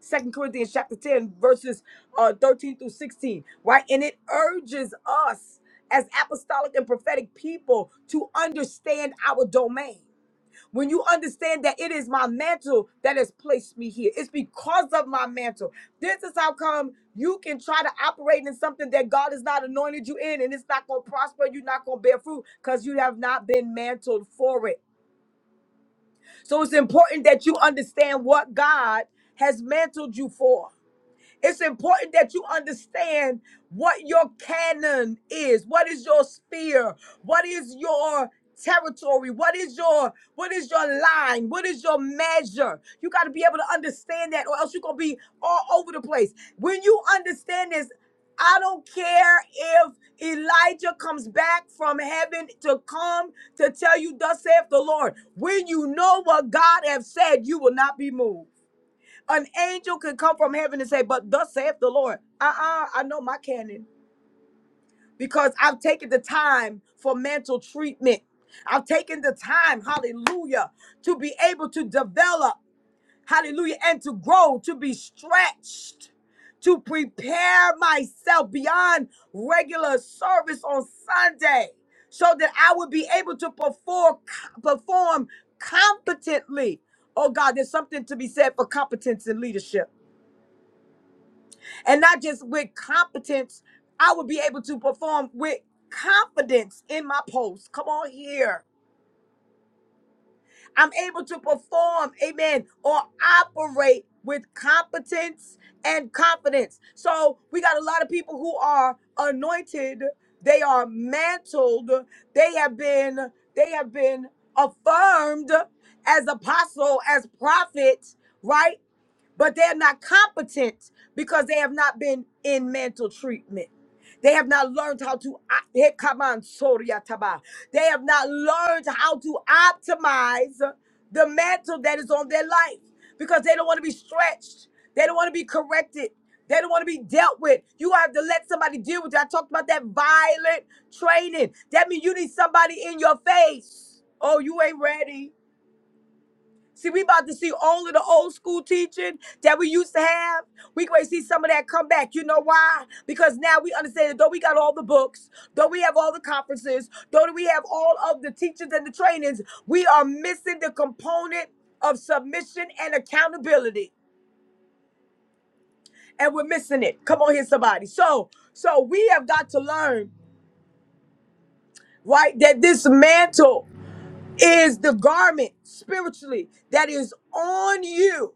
G: Second Corinthians chapter 10, verses uh, 13 through 16, right? And it urges us as apostolic and prophetic people to understand our domain. When you understand that it is my mantle that has placed me here, it's because of my mantle. This is how come you can try to operate in something that God has not anointed you in, and it's not going to prosper. You're not going to bear fruit because you have not been mantled for it. So it's important that you understand what God has mantled you for it's important that you understand what your canon is. What is your sphere? What is your territory? What is your what is your line? What is your measure? You got to be able to understand that or else you're going to be all over the place. When you understand this, I don't care if Elijah comes back from heaven to come to tell you, thus saith the Lord. When you know what God has said, you will not be moved. An angel could come from heaven and say, But thus saith the Lord. Uh uh I know my canon because I've taken the time for mental treatment. I've taken the time, hallelujah, to be able to develop, hallelujah, and to grow, to be stretched, to prepare myself beyond regular service on Sunday so that I would be able to perform, perform competently. Oh God, there's something to be said for competence in leadership. and not just with competence, I will be able to perform with confidence in my post. Come on here. I'm able to perform, amen, or operate with competence and confidence. So we got a lot of people who are anointed, they are mantled, they have been, they have been affirmed as apostle, as prophet, right? but they're not competent because they have not been in mental treatment. They have not learned how to eh, come on, sorry, Ataba. They have not learned how to optimize the mantle that is on their life because they don't want to be stretched. They don't want to be corrected. They don't want to be dealt with. You have to let somebody deal with you. I talked about that violent training. That means you need somebody in your face. Oh, you ain't ready. See, we about to see all of the old school teaching that we used to have. We going to see some of that come back. You know why? Because now we understand that though we got all the books, though we have all the conferences, though we have all of the teachings and the trainings, we are missing the component of submission and accountability. And we're missing it. Come on here, somebody. So, so we have got to learn, right, that this mantle is the garment spiritually that is on you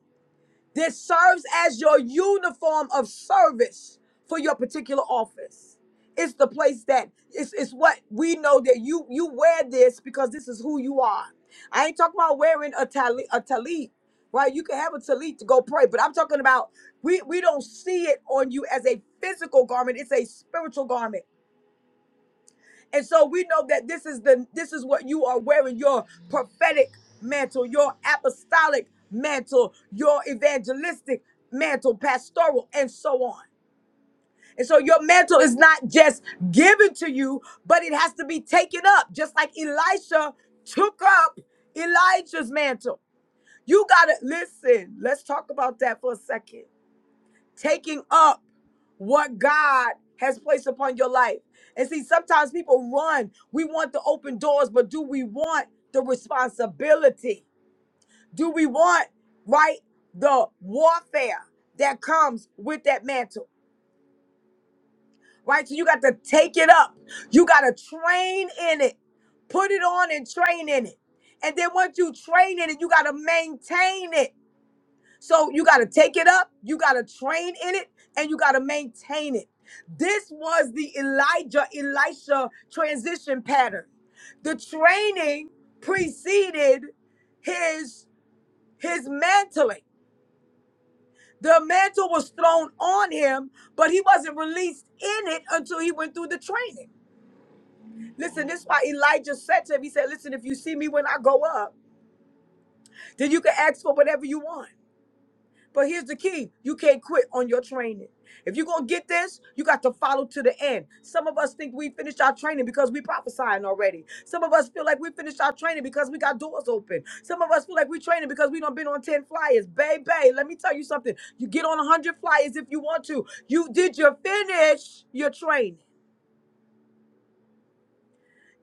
G: This serves as your uniform of service for your particular office. It's the place that it's, it's what we know that you you wear this because this is who you are. I ain't talking about wearing a tali a talit, right? You can have a talit to go pray, but I'm talking about we we don't see it on you as a physical garment. It's a spiritual garment. And so we know that this is the this is what you are wearing your prophetic mantle, your apostolic mantle, your evangelistic mantle, pastoral, and so on. And so your mantle is not just given to you, but it has to be taken up, just like Elisha took up Elijah's mantle. You gotta listen. Let's talk about that for a second taking up what God has placed upon your life. And see, sometimes people run. We want the open doors, but do we want the responsibility? Do we want, right, the warfare that comes with that mantle? Right? So you got to take it up. You got to train in it. Put it on and train in it. And then once you train in it, you got to maintain it. So you got to take it up, you got to train in it, and you got to maintain it. This was the Elijah Elisha transition pattern. The training preceded his his mantling. The mantle was thrown on him, but he wasn't released in it until he went through the training. Listen, this is why Elijah said to him, he said, Listen, if you see me when I go up, then you can ask for whatever you want. But here's the key you can't quit on your training. If you're going to get this, you got to follow to the end. Some of us think we finished our training because we prophesying already. Some of us feel like we finished our training because we got doors open. Some of us feel like we training because we done been on 10 flyers. Bay, bay, let me tell you something. You get on 100 flyers if you want to. You Did you finish your training?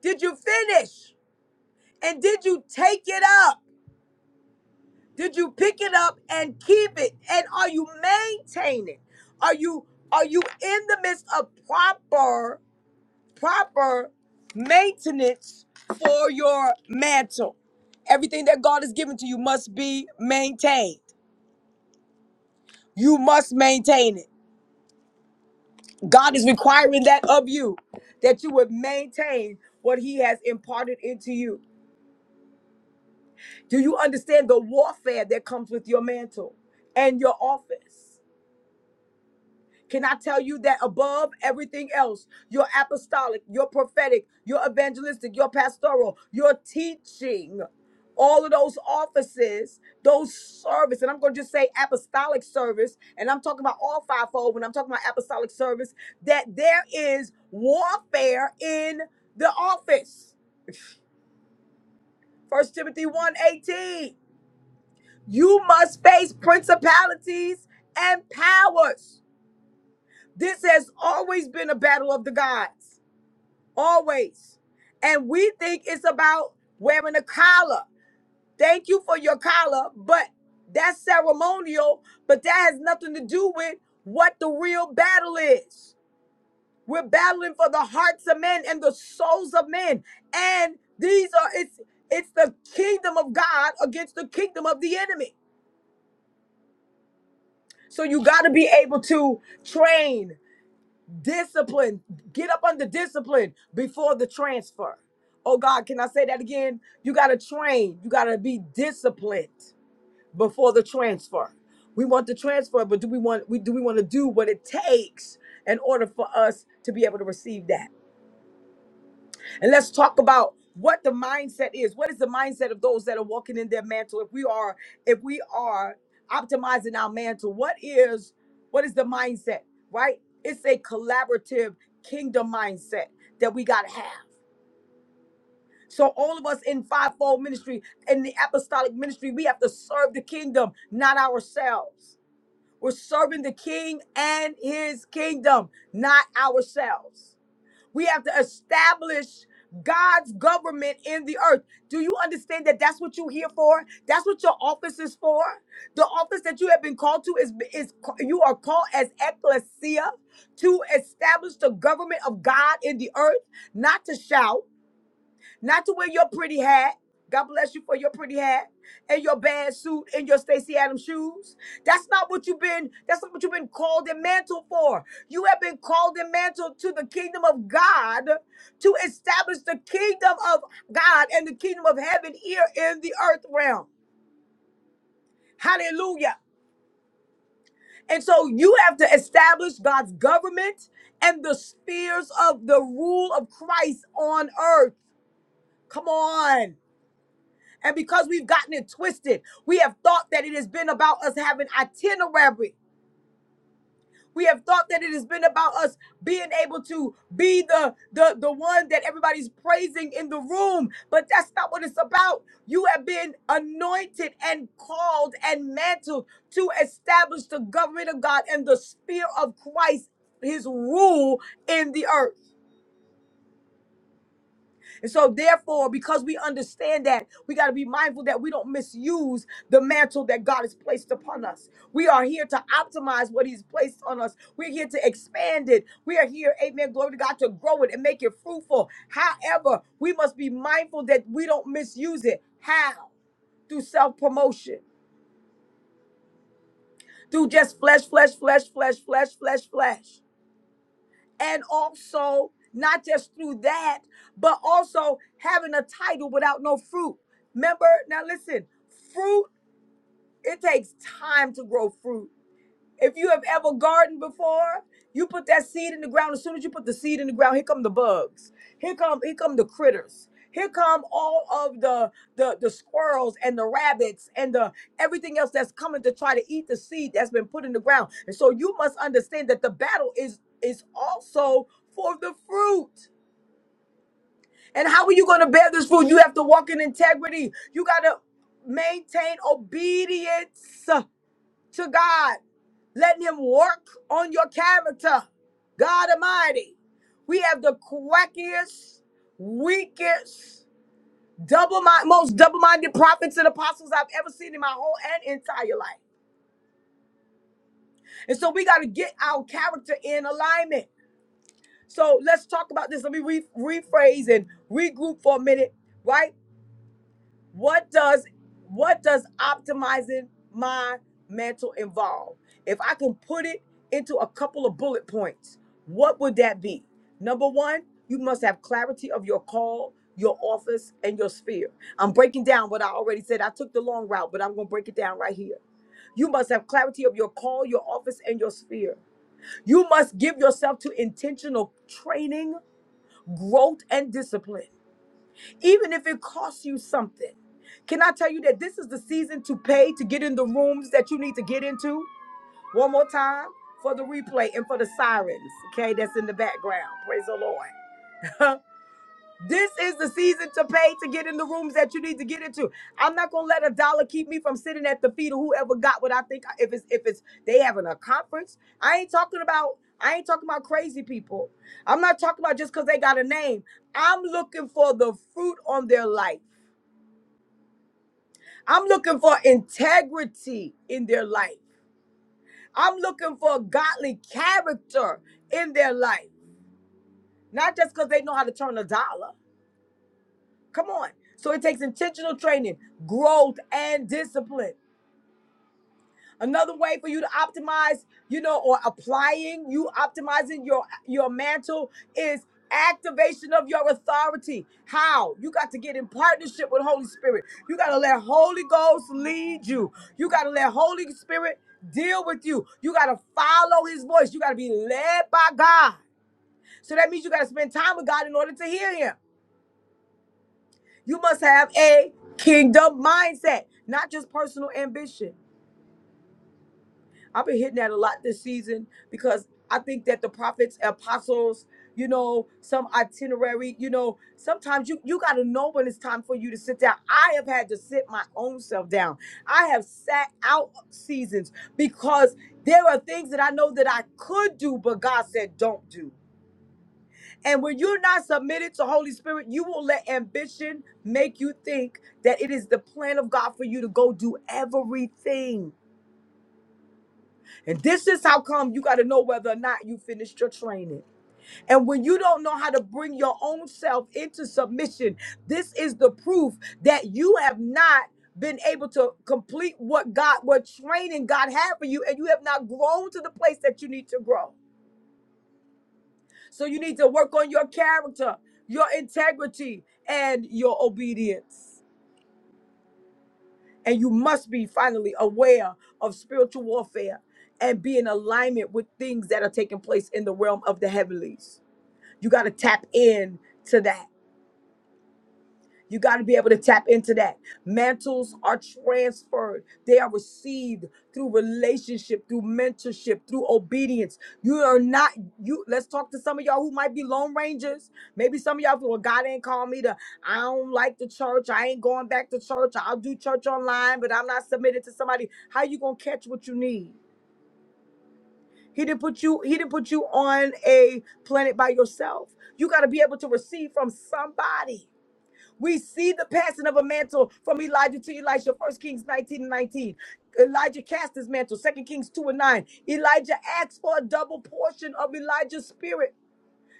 G: Did you finish? And did you take it up? Did you pick it up and keep it? And are you maintaining? Are you are you in the midst of proper proper maintenance for your mantle? Everything that God has given to you must be maintained. You must maintain it. God is requiring that of you that you would maintain what he has imparted into you. Do you understand the warfare that comes with your mantle and your office? Can I tell you that above everything else, you're apostolic, you're prophetic, you're evangelistic, you're pastoral, you're teaching. All of those offices, those service, and I'm going to just say apostolic service, and I'm talking about all fivefold when I'm talking about apostolic service, that there is warfare in the office. First Timothy one eighteen. You must face principalities and powers. This has always been a battle of the gods. always. And we think it's about wearing a collar. Thank you for your collar, but that's ceremonial, but that has nothing to do with what the real battle is. We're battling for the hearts of men and the souls of men. And these are it's it's the kingdom of God against the kingdom of the enemy. So you got to be able to train Discipline. Get up under discipline before the transfer. Oh God, can I say that again? You got to train. You got to be disciplined before the transfer. We want the transfer, but do we want we do we want to do what it takes in order for us to be able to receive that? And let's talk about what the mindset is. What is the mindset of those that are walking in their mantle? If we are, if we are optimizing our mantle, what is what is the mindset? Right? It's a collaborative kingdom mindset that we gotta have. So all of us in fivefold ministry in the apostolic ministry, we have to serve the kingdom, not ourselves. We're serving the king and his kingdom, not ourselves. We have to establish God's government in the earth. Do you understand that that's what you're here for? That's what your office is for. The office that you have been called to is is you are called as ecclesia to establish the government of God in the earth, not to shout, not to wear your pretty hat. God bless you for your pretty hat and your bad suit and your Stacy Adams shoes. That's not what you've been, that's not what you've been called and mantled for. You have been called and mantled to the kingdom of God to establish the kingdom of God and the kingdom of heaven here in the earth realm. Hallelujah. And so you have to establish God's government and the spheres of the rule of Christ on earth. Come on. And because we've gotten it twisted, we have thought that it has been about us having itinerary. We have thought that it has been about us being able to be the, the, the one that everybody's praising in the room. But that's not what it's about. You have been anointed and called and mantled to establish the government of God and the sphere of Christ, his rule in the earth. And so, therefore, because we understand that, we got to be mindful that we don't misuse the mantle that God has placed upon us. We are here to optimize what He's placed on us. We're here to expand it. We are here, amen, glory to God, to grow it and make it fruitful. However, we must be mindful that we don't misuse it. How? Through self promotion, through just flesh, flesh, flesh, flesh, flesh, flesh, flesh. and also not just through that, but also having a title without no fruit. Remember, now listen, fruit, it takes time to grow fruit. If you have ever gardened before, you put that seed in the ground. As soon as you put the seed in the ground, here come the bugs. Here come here come the critters. Here come all of the the the squirrels and the rabbits and the everything else that's coming to try to eat the seed that's been put in the ground. And so you must understand that the battle is is also for the fruit. And how are you going to bear this fruit? You have to walk in integrity. You got to maintain obedience to God letting him work on your character. God Almighty, we have the quackiest, weakest, double mind, most double-minded prophets and apostles I've ever seen in my whole and entire life. And so we got to get our character in alignment. So let's talk about this. Let me re- rephrase and regroup for a minute, right? What does what does optimizing my mental involve? If I can put it into a couple of bullet points, what would that be? Number 1, you must have clarity of your call, your office, and your sphere. I'm breaking down what I already said. I took the long route, but I'm going to break it down right here. You must have clarity of your call, your office, and your sphere. You must give yourself to intentional training, growth, and discipline even if it costs you something. Can I tell you that this is the season to pay to get in the rooms that you need to get into? One more time for the replay and for the sirens, okay, that's in the background. Praise the Lord. this is the season to pay to get in the rooms that you need to get into. I'm not gonna let a dollar keep me from sitting at the feet of whoever got what I think. If it's if it's they having a conference, I ain't talking about I ain't talking about crazy people. I'm not talking about just because they got a name. I'm looking for the fruit on their life. I'm looking for integrity in their life. I'm looking for godly character in their life, not just because they know how to turn a dollar. Come on. So it takes intentional training, growth, and discipline. Another way for you to optimize, you know, or applying, you optimizing your your mantle is activation of your authority. How? You got to get in partnership with Holy Spirit. You got to let Holy Ghost lead you. You got to let Holy Spirit deal with you. You got to follow his voice. You got to be led by God. So that means you got to spend time with God in order to hear him. You must have a kingdom mindset, not just personal ambition. I've been hitting that a lot this season because I think that the prophets, apostles, you know, some itinerary, you know, sometimes you you got to know when it's time for you to sit down. I have had to sit my own self down. I have sat out seasons because there are things that I know that I could do, but God said don't do. And when you're not submitted to Holy Spirit, you will let ambition make you think that it is the plan of God for you to go do everything. And this is how come you got to know whether or not you finished your training. And when you don't know how to bring your own self into submission, this is the proof that you have not been able to complete what God, what training God had for you, and you have not grown to the place that you need to grow. So you need to work on your character, your integrity, and your obedience. And you must be finally aware of spiritual warfare and be in alignment with things that are taking place in the realm of the heavenlies. You got to tap in to that. You got to be able to tap into that. Mantles are transferred, they are received through relationship, through mentorship, through obedience. You are not, you let's talk to some of y'all who might be Lone Rangers. Maybe some of y'all feel, well, God ain't called me to, I don't like the church. I ain't going back to church. I'll do church online, but I'm not submitted to somebody. How you gonna catch what you need? He didn't put you, he didn't put you on a planet by yourself. You gotta be able to receive from somebody. We see the passing of a mantle from Elijah to Elisha, First Kings 19 and 19. Elijah cast his mantle, Second Kings 2 and 9. Elijah asked for a double portion of Elijah's spirit.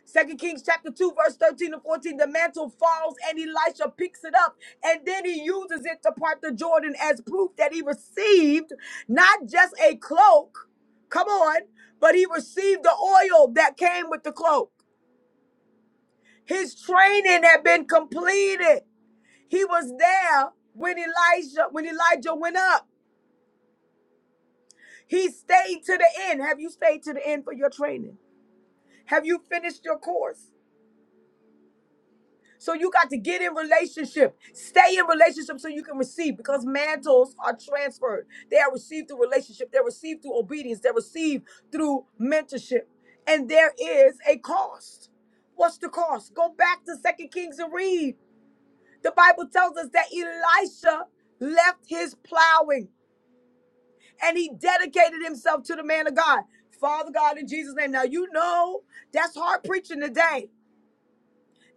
G: Second Kings chapter 2, verse 13 and 14. The mantle falls and Elisha picks it up and then he uses it to part the Jordan as proof that he received not just a cloak, come on, but he received the oil that came with the cloak. His training had been completed. He was there when Elijah when Elijah went up. He stayed to the end. Have you stayed to the end for your training? Have you finished your course? So you got to get in relationship. Stay in relationship so you can receive because mantles are transferred. They are received through relationship. They're received through obedience. They're received through mentorship. And there is a cost. What's the cost? Go back to Second Kings and read. The Bible tells us that Elisha left his plowing and he dedicated himself to the man of God. Father God, in Jesus' name. Now, you know that's hard preaching today.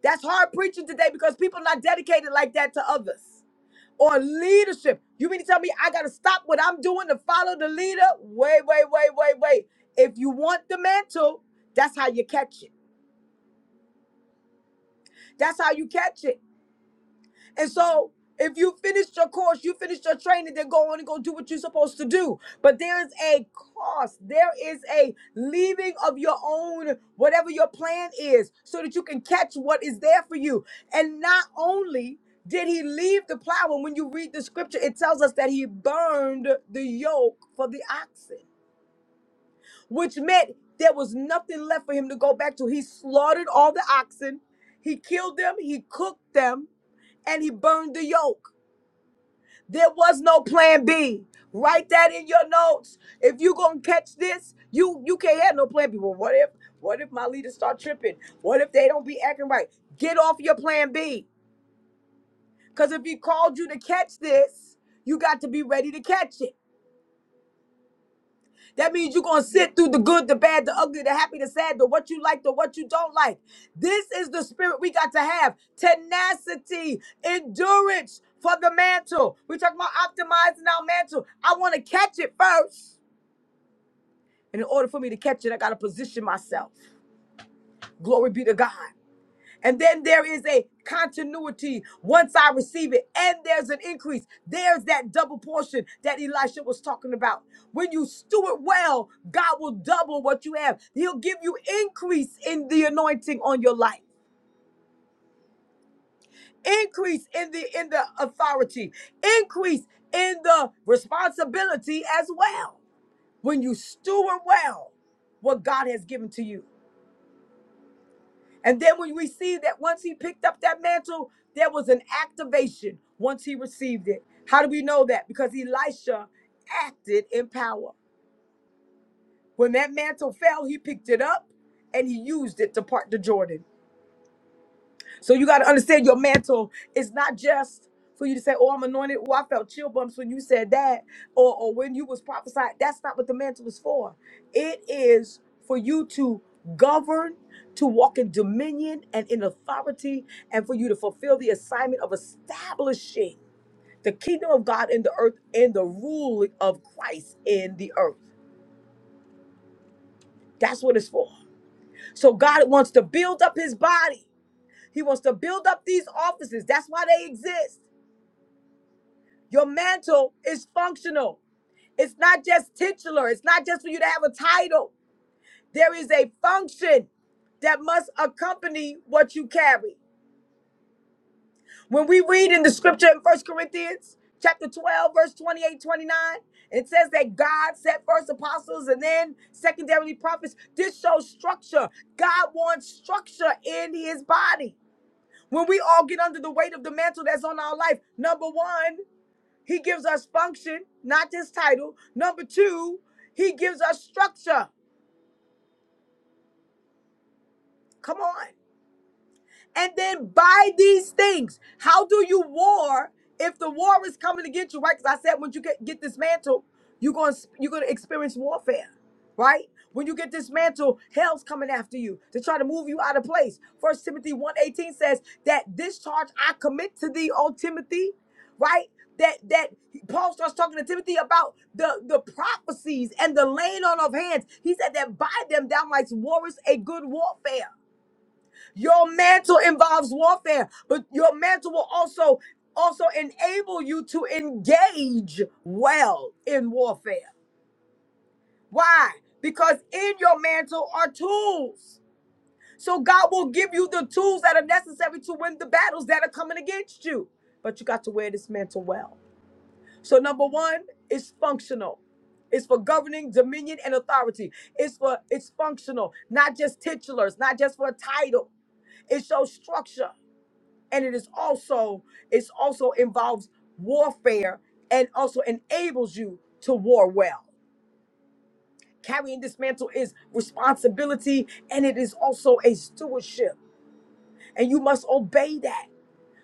G: That's hard preaching today because people are not dedicated like that to others or leadership. You mean to tell me I got to stop what I'm doing to follow the leader? Wait, wait, wait, wait, wait. If you want the mantle, that's how you catch it. That's how you catch it. And so if you finished your course, you finished your training, then go on and go do what you're supposed to do. But there is a cost. There is a leaving of your own, whatever your plan is, so that you can catch what is there for you. And not only did he leave the plow, and when you read the scripture, it tells us that he burned the yoke for the oxen, which meant there was nothing left for him to go back to. He slaughtered all the oxen, he killed them, he cooked them, and he burned the yoke. There was no plan B. Write that in your notes. If you gonna catch this, you you can't have no plan B. Well, what if what if my leaders start tripping? What if they don't be acting right? Get off your plan B. Cause if he called you to catch this, you got to be ready to catch it. That means you're gonna sit through the good, the bad, the ugly, the happy, the sad, the what you like, the what you don't like. This is the spirit we got to have: tenacity, endurance for the mantle. We're talking about optimizing our mantle. I want to catch it first, and in order for me to catch it, I gotta position myself. Glory be to God. And then there is a continuity once I receive it, and there's an increase. There's that double portion that Elisha was talking about. When you steward well, God will double what you have. He'll give you increase in the anointing on your life, increase in the in the authority, increase in the responsibility as well. When you steward well what God has given to you. And then when we see that once he picked up that mantle, there was an activation once he received it. How do we know that? Because Elisha acted in power. When that mantle fell, he picked it up and he used it to part the Jordan. So you got to understand your mantle is not just for you to say, "Oh, I'm anointed." Oh, I felt chill bumps when you said that, or or when you was prophesied. That's not what the mantle is for. It is for you to govern, to walk in dominion and in authority, and for you to fulfill the assignment of establishing the kingdom of God in the earth and the rule of Christ in the earth. That's what it's for. So God wants to build up His body. He wants to build up these offices. That's why they exist. Your mantle is functional. It's not just titular. It's not just for you to have a title. There is a function that must accompany what you carry. When we read in the scripture in First Corinthians chapter 12, verse 28, 29, it says that God set first apostles and then secondarily prophets. This shows structure. God wants structure in his body. When we all get under the weight of the mantle that's on our life, number one, He gives us function, not just title. Number two, he gives us structure. Come on. And then buy these things. How do you war if the war is coming against you, right? Because I said when you get, get dismantled, you're going you're going to experience warfare, right? When you get dismantled, hell's coming after you to try to move you out of place. First Timothy one eighteen says that this charge I commit to thee, O Timothy, right? That that Paul starts talking to Timothy about the, the prophecies and the laying on of hands. He said that by them thou mightst warrest a good warfare. Your mantle involves warfare, but your mantle will also also enable you to engage well in warfare. Why? Because in your mantle are tools. So God will give you the tools that are necessary to win the battles that are coming against you. But you got to wear this mantle well. So number 1 it's functional. It's for governing dominion and authority. It's for it's functional, not just titulars, not just for a title. It shows structure. and it is also it's also involves warfare and also enables you to war well carrying this mantle is responsibility and it is also a stewardship and you must obey that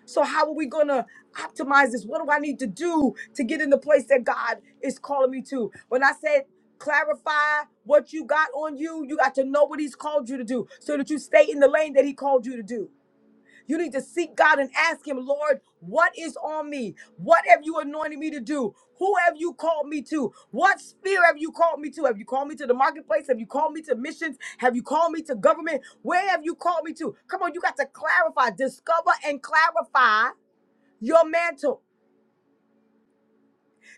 G: so how are we going to optimize this what do i need to do to get in the place that god is calling me to when i said clarify what you got on you you got to know what he's called you to do so that you stay in the lane that he called you to do you need to seek God and ask Him, Lord, what is on me? What have you anointed me to do? Who have you called me to? What sphere have you called me to? Have you called me to the marketplace? Have you called me to missions? Have you called me to government? Where have you called me to? Come on, you got to clarify, discover, and clarify your mantle.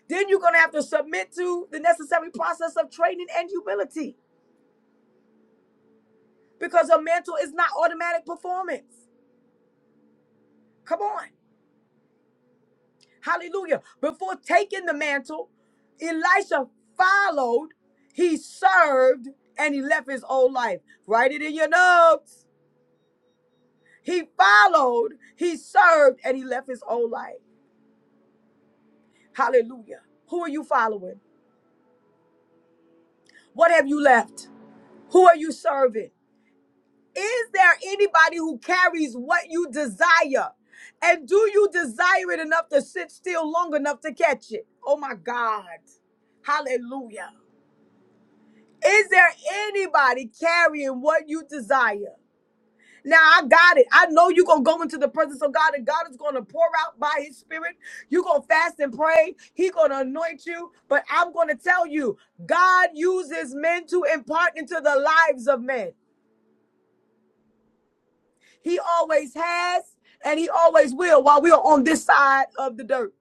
G: Then you're going to have to submit to the necessary process of training and humility because a mantle is not automatic performance. Come on. Hallelujah. Before taking the mantle, Elisha followed, he served, and he left his old life. Write it in your notes. He followed, he served, and he left his old life. Hallelujah. Who are you following? What have you left? Who are you serving? Is there anybody who carries what you desire? And do you desire it enough to sit still long enough to catch it? Oh my God. Hallelujah. Is there anybody carrying what you desire? Now I got it. I know you're gonna go into the presence of God and God is gonna pour out by his spirit. You're gonna fast and pray. He gonna anoint you. But I'm gonna tell you, God uses men to impart into the lives of men. He always has and he always will while we are on this side of the dirt.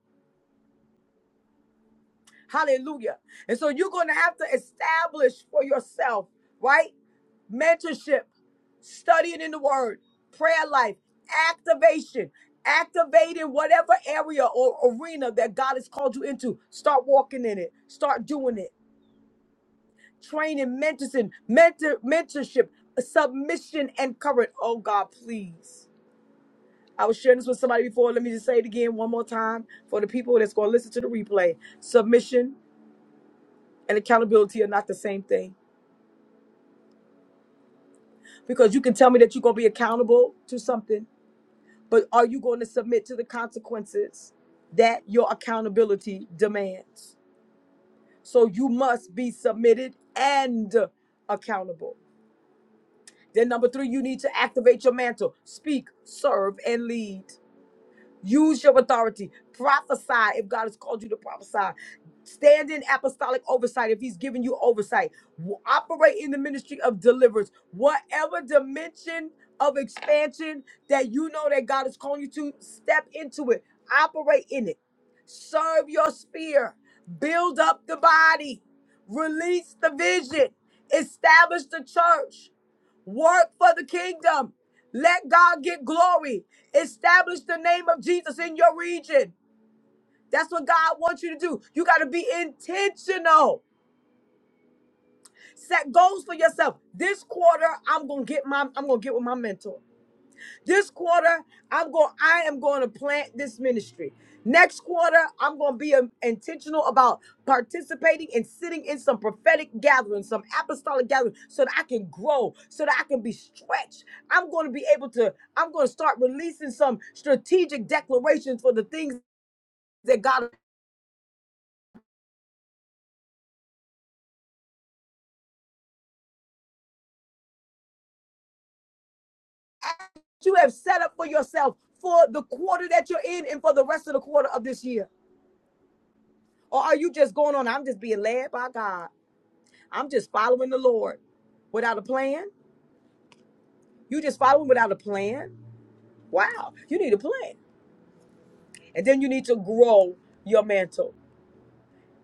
G: Hallelujah. And so you're gonna have to establish for yourself, right? mentorship, studying in the word, prayer life, activation, activating whatever area or arena that God has called you into. Start walking in it, start doing it. Training, mentoring, mentor, mentorship, submission, and courage. Oh God, please. I was sharing this with somebody before. Let me just say it again one more time for the people that's going to listen to the replay. Submission and accountability are not the same thing because you can tell me that you're going to be accountable to something But are you going to submit to the consequences that your accountability demands? So you must be submitted and accountable. Then, number three, you need to activate your mantle, speak, serve, and lead. Use your authority. Prophesy if God has called you to prophesy. Stand in apostolic oversight if He's given you oversight. W- Operate in the ministry of deliverance. Whatever dimension of expansion that you know that God is calling you to, step into it. Operate in it. Serve your sphere. Build up the body. Release the vision. Establish the church Work for the kingdom. Let God get glory. Establish the name of Jesus in your region. That's what God wants you to do. You got to be intentional. Set goals for yourself. This quarter, I'm gonna get my I'm gonna get with my mentor. This quarter, I'm going. I am going to plant this ministry. Next quarter, I'm going to be um, intentional about participating and sitting in some prophetic gatherings, some apostolic gatherings, so that I can grow, so that I can be stretched. I'm going to be able to. I'm going to start releasing some strategic declarations for the things that God you have set up for yourself for the quarter that you're in and for the rest of the quarter of this year. Or are you just going on? I'm just being led by God. I'm just following the Lord without a plan You just follow him without a plan? Wow, you need a plan. And then you need to grow your mantle.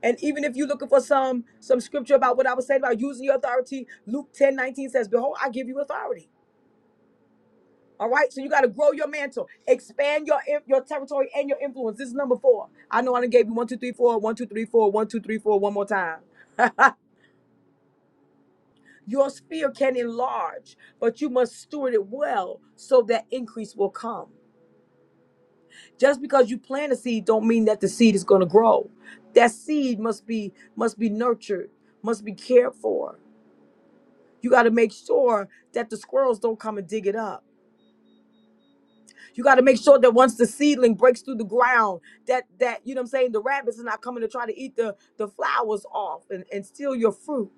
G: And even if you're looking for some some scripture about what I was saying about using your authority, Luke 10:19 says, Behold, I give you authority. All right. So you got to grow your mantle, expand your in- your territory and your influence. This is number four. I know I done gave you one, two, three, four, one, two, three, four, one, two, three, four, one more time. your sphere can enlarge, but you must steward it well so that increase will come. just because you plant a seed don't mean that the seed is going to grow that seed must be must be nurtured must be cared for you got to make sure that the squirrels don't come and dig it up you got to make sure that once the seedling breaks through the ground that that you know what i'm saying the rabbits are not coming to try to eat the the flowers off and, and steal your fruit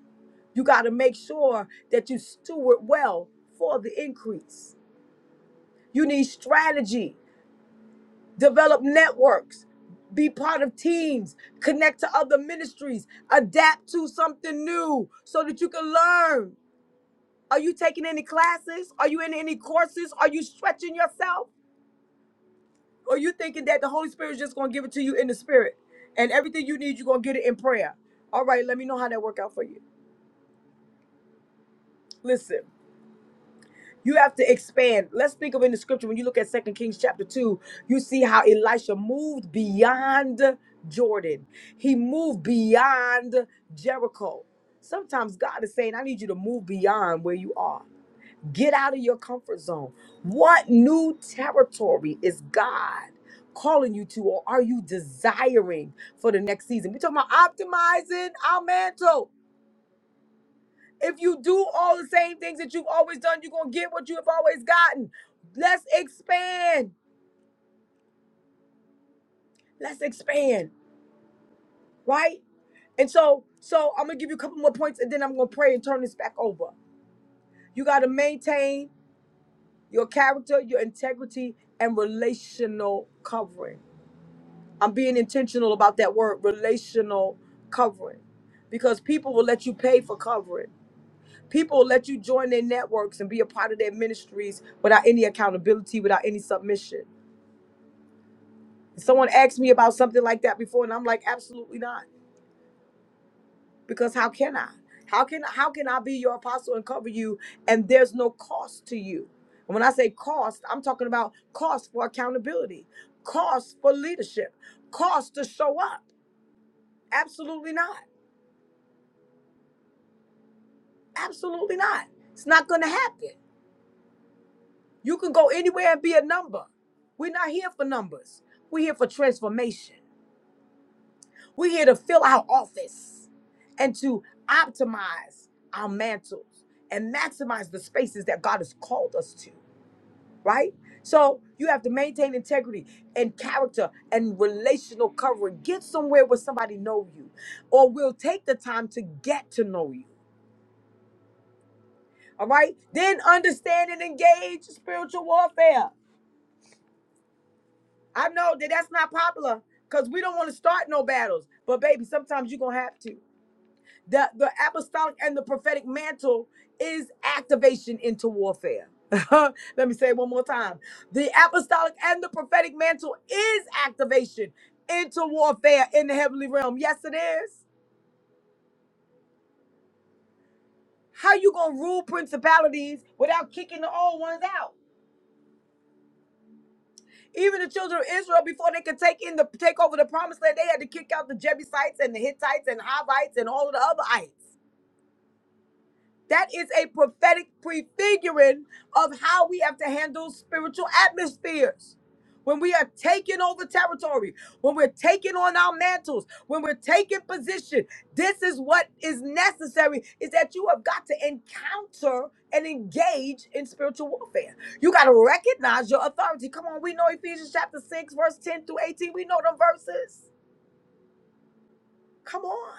G: you got to make sure that you steward well for the increase you need strategy develop networks, be part of teams, connect to other ministries, adapt to something new so that you can learn. Are you taking any classes? Are you in any courses? Are you stretching yourself? Or you thinking that the Holy Spirit is just gonna give it to you in the spirit and everything you need, you're gonna get it in prayer. All right, let me know how that work out for you. Listen. You have to expand. Let's think of in the scripture when you look at Second Kings chapter 2, you see how Elisha moved beyond Jordan. He moved beyond Jericho. Sometimes God is saying, I need you to move beyond where you are. Get out of your comfort zone. What new territory is God calling you to, or are you desiring for the next season? We're talking about optimizing our mantle. If you do all the same things that you've always done, you're going to get what you have always gotten. Let's expand. Let's expand, right? And so, so I'm going to give you a couple more points and then I'm going to pray and turn this back over. You got to maintain your character, your integrity, and relational covering. I'm being intentional about that word, relational covering, because people will let you pay for covering. People will let you join their networks and be a part of their ministries without any accountability, without any submission Someone asked me about something like that before, and I'm like, absolutely not. Because how can I? How can how can I be your apostle and cover you? And there's no cost to you. And when I say cost, I'm talking about cost for accountability, cost for leadership, cost to show up. Absolutely not. Absolutely not. It's not gonna happen. You can go anywhere and be a number. We're not here for numbers. We're here for transformation. We're here to fill our office and to optimize our mantles and maximize the spaces that God has called us to, right? So you have to maintain integrity and character and relational covering. Get somewhere where somebody know you or will take the time to get to know you. All right? Then understand and engage spiritual warfare. I know that that's not popular because we don't want to start no battles. But baby, sometimes you're going to have to. the the apostolic and the prophetic mantle is activation into warfare. Let me say it one more time. The apostolic and the prophetic mantle is activation into warfare in the heavenly realm. Yes, it is. How you gonna rule principalities without kicking the old ones out? Even the children of Israel, before they could take in the take over the promised land, they had to kick out the Jebusites and the Hittites and Hivites and all of the other ites. That is a prophetic prefiguring of how we have to handle spiritual atmospheres. When we are taking over territory, when we're taking on our mantles, when we're taking position, this is what is necessary is that you have got to encounter and engage in spiritual warfare. You got to recognize your authority. Come on, we know Ephesians chapter 6, verse 10 through 18. We know them verses. Come on.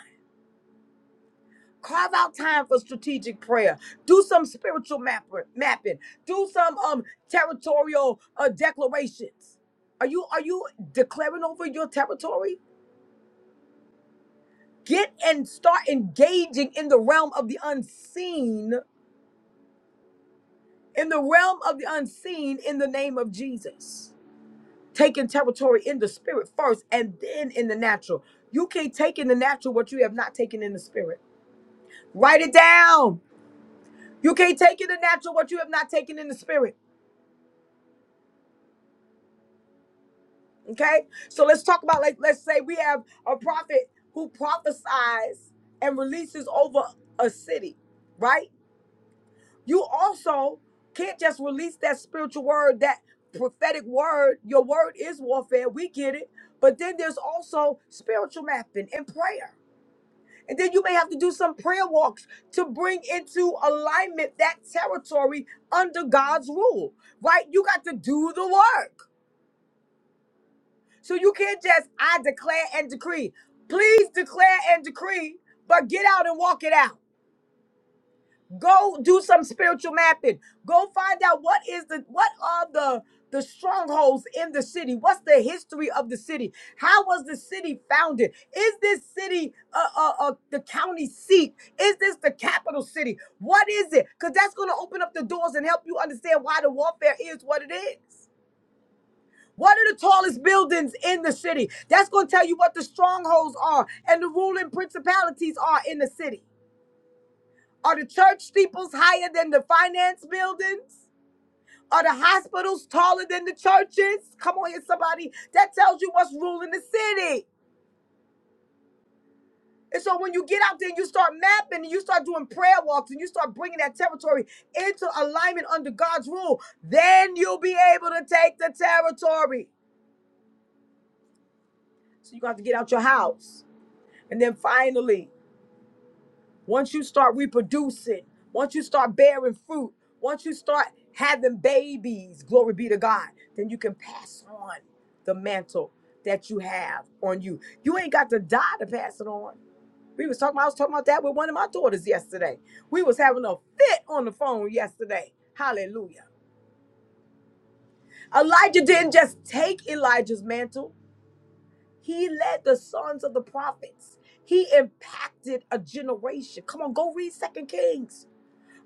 G: Carve out time for strategic prayer. Do some spiritual map- mapping. Do some um territorial uh, declarations. Are you are you declaring over your territory? Get and start engaging in the realm of the unseen, in the realm of the unseen in the name of Jesus. Taking territory in the spirit first and then in the natural. You can't take in the natural what you have not taken in the spirit. Write it down. You can't take in the natural what you have not taken in the spirit. Okay, so let's talk about like let's say we have a prophet who prophesies and releases over a city, right? You also can't just release that spiritual word, that prophetic word. Your word is warfare. We get it, but then there's also spiritual mapping and prayer. And then you may have to do some prayer walks to bring into alignment that territory under God's rule, right? You got to do the work. So you can't just I declare and decree. Please declare and decree, but get out and walk it out. Go do some spiritual mapping. Go find out what is the what are the the strongholds in the city. What's the history of the city? How was the city founded? Is this city uh, uh, uh, the county seat? Is this the capital city? What is it? Because that's going to open up the doors and help you understand why the warfare is what it is. What are the tallest buildings in the city? That's going to tell you what the strongholds are and the ruling principalities are in the city. Are the church steeples higher than the finance buildings? Are the hospitals taller than the churches? Come on here, somebody. That tells you what's ruling the city. And so when you get out there and you start mapping and you start doing prayer walks and you start bringing that territory into alignment under God's rule, then you'll be able to take the territory. So you got to get out your house. And then finally, once you start reproducing, once you start bearing fruit, once you start having babies, glory be to God, then you can pass on the mantle that you have on you. You ain't got to die to pass it on. We was talking. I was talking about that with one of my daughters yesterday. We was having a fit on the phone yesterday. Hallelujah. Elijah didn't just take Elijah's mantle. He led the sons of the prophets. He impacted a generation. Come on, go read Second Kings.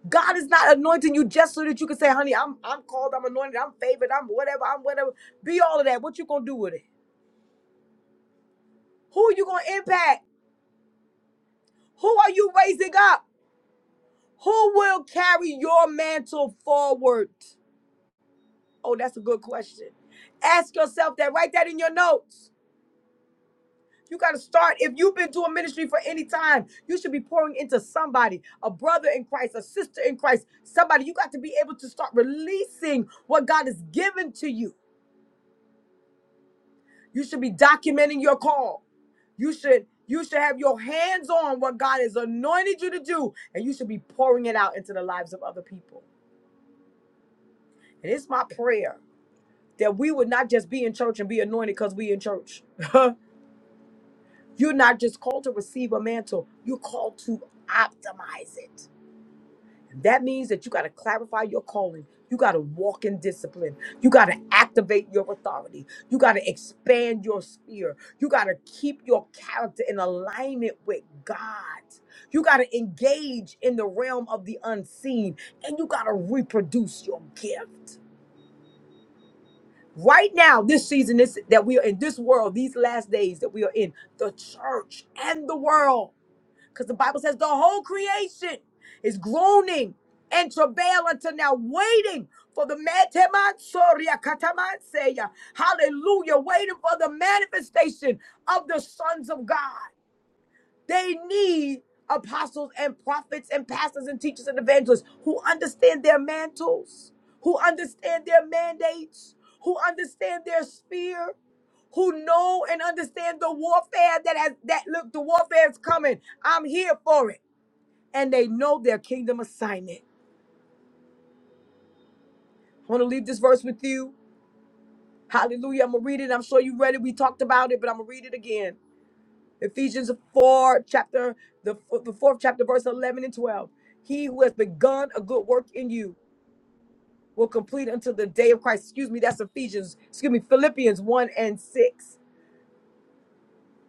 G: God is not anointing you just so that you can say, honey, I'm I'm called, I'm anointed, I'm favored, I'm whatever, I'm whatever. Be all of that. What you gonna do with it? Who you gonna impact? Who are you raising up? Who will carry your mantle forward? Oh, that's a good question. Ask yourself that. Write that in your notes. You got to start. If you've been doing ministry for any time, you should be pouring into somebody, a brother in Christ, a sister in Christ, somebody. You got to be able to start releasing what God has given to you. You should be documenting your call. You should you should have your hands on what God has anointed you to do, and you should be pouring it out into the lives of other people. And it's my prayer that we would not just be in church and be anointed because we in church. You're not just called to receive a mantle. You're called to optimize it. That means that you got to clarify your calling. You got to walk in discipline. You got to activate your authority. You got to expand your sphere. You got to keep your character in alignment with God. You got to engage in the realm of the unseen and you got to reproduce your gift. Right now, this season this, that we are in, this world, these last days that we are in, the church and the world because the Bible says the whole creation is groaning and travail until now, waiting for the Matematsoria Katamanseya. Hallelujah. Waiting for the manifestation of the sons of God. They need apostles and prophets and pastors and teachers and evangelists who understand their mantles, who understand their mandates, who understand their sphere, who know and understand the warfare that has that look, the warfare is coming. I'm here for it. And they know their kingdom assignment. I want to leave this verse with you. Hallelujah. I'm gonna read it. I'm sure you read it. We talked about it, but I'm gonna read it again. Ephesians 4, chapter, the, the fourth chapter, verse 11 and 12. He who has begun a good work in you will complete until the day of Christ. Excuse me, that's Ephesians, excuse me, Philippians 1 and 6.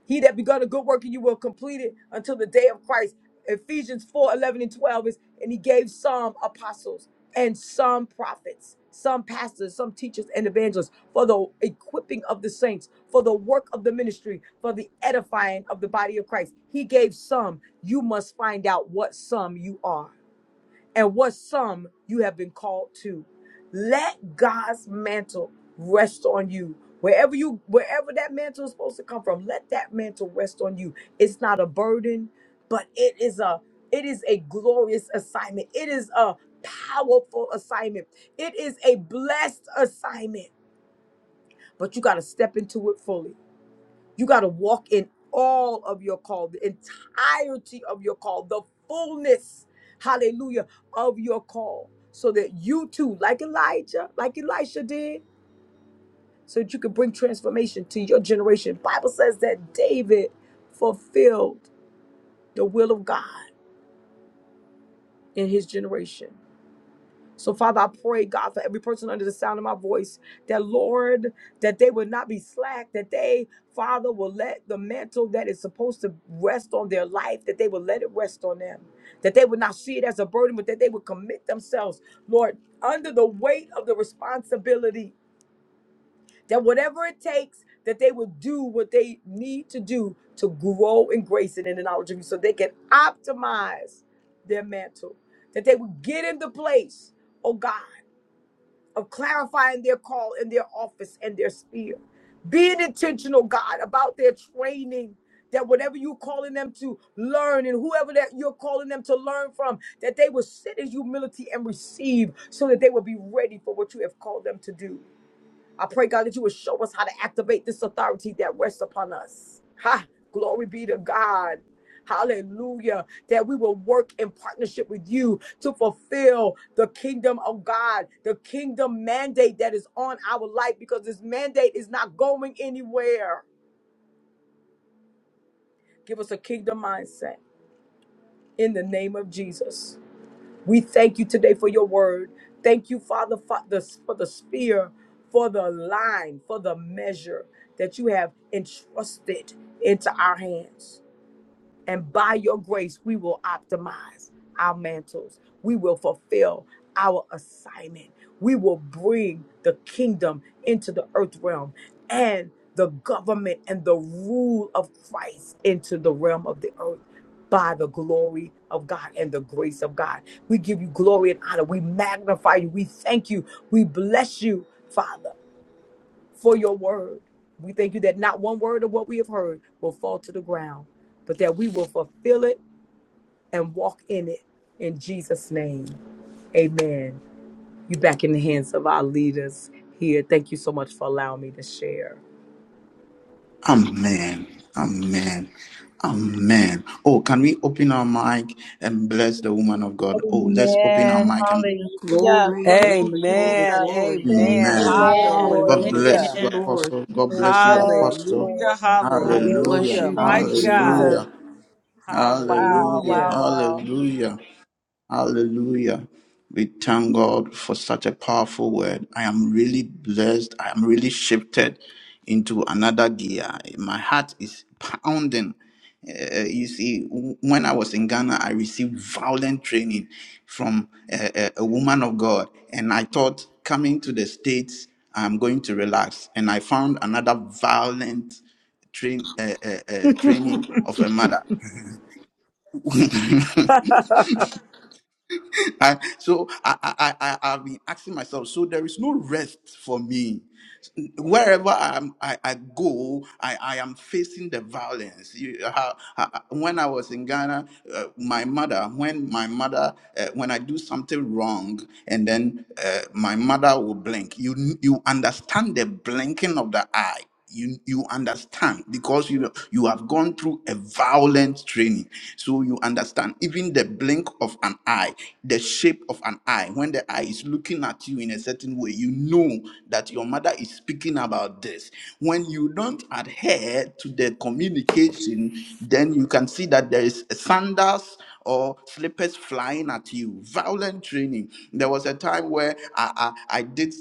G: He that begun a good work in you will complete it until the day of Christ. Ephesians 4 11 and 12 is, and he gave some apostles and some prophets, some pastors, some teachers and evangelists for the equipping of the saints, for the work of the ministry, for the edifying of the body of Christ. He gave some. You must find out what some you are and what some you have been called to. Let God's mantle rest on you. Wherever you wherever that mantle is supposed to come from, let that mantle rest on you. It's not a burden, but it is a it is a glorious assignment. It is a powerful assignment. It is a blessed assignment, but you got to step into it fully. You got to walk in all of your call, the entirety of your call, the fullness, hallelujah, of your call, so that you too, like Elijah, like Elisha did, so that you can bring transformation to your generation. Bible says that David fulfilled the will of God in his generation. So, Father, I pray, God, for every person under the sound of my voice, that Lord, that they would not be slack, that they, Father, will let the mantle that is supposed to rest on their life, that they will let it rest on them, that they would not see it as a burden, but that they would commit themselves, Lord, under the weight of the responsibility, that whatever it takes, that they would do what they need to do to grow in grace and in the knowledge of you, so they can optimize their mantle, that they would get in the place, oh God of clarifying their call and their office and their sphere. Being intentional, God, about their training, that whatever you're calling them to learn and whoever that you're calling them to learn from, that they will sit in humility and receive so that they will be ready for what you have called them to do. I pray, God, that you would show us how to activate this authority that rests upon us. Ha! Glory be to God. Hallelujah. That we will work in partnership with you to fulfill the kingdom of God, the kingdom mandate that is on our life, because this mandate is not going anywhere. Give us a kingdom mindset in the name of Jesus. We thank you today for your word. Thank you, Father, for the, for the spear, for the line, for the measure that you have entrusted into our hands. And by your grace, we will optimize our mantles. We will fulfill our assignment. We will bring the kingdom into the earth realm and the government and the rule of Christ into the realm of the earth by the glory of God and the grace of God. We give you glory and honor. We magnify you. We thank you. We bless you, Father for your word. We thank you that not one word of what we have heard will fall to the ground, but that we will fulfill it and walk in it. In Jesus' name, amen. You back in the hands of our leaders here. Thank you so much for allowing me to share.
B: Amen. Amen. Amen. Oh, can we open our mic and bless the woman of God? Oh, let's open our
A: Amen.
B: mic and
A: Hallelujah.
F: Glory,
A: Thank you,
F: glory, glory,
C: Amen,
A: Jesus.
F: glory.
A: Thank
C: amen.
A: you,
B: Amen.
H: Amen.
A: Lord.
B: God
F: Hallelujah. Thank
B: bless
C: Hallelujah,
B: you,
F: you,
H: Amen.
F: Lord.
B: Apostle. God
A: Lord.
B: bless you,
A: Yes,
B: Apostle.
C: hallelujah,
A: Lord. Yes,
F: God, we
A: Lord.
F: bless
B: Hallelujah.
C: hallelujah.
F: you.
A: Thank you,
F: Thank
C: Mighty
F: you,
C: God,
F: Father.
A: Jesus.
B: Hallelujah.
A: Wow,
B: Hallelujah.
A: wow,
C: hallelujah.
A: wow.
B: Hallelujah. Hallelujah. We thank God for such a powerful word. I am really blessed. I am really shifted into another gear. My heart is pounding. Uh, you see, w- when I was in Ghana, I received violent training from a, a, a woman of God. And I thought coming to the States, I'm going to relax. And I found another violent train, uh, uh, uh, training of a mother. and so I, I, I, I- I've been asking myself, so there is no rest for me. Wherever I'm, I, I go, I, I am facing the violence. You, how- how- when I was in Ghana, uh, my mother, when my mother, uh, when I do something wrong, and then uh, my mother will blink, you, you understand the blinking of the eye you you understand because you you have gone through a violent training so you understand even the blink of an eye the shape of an eye when the eye is looking at you in a certain way you know that your mother is speaking about this when you don't adhere to the communication then you can see that there is sandals or slippers flying at you violent training there was a time where i i, I did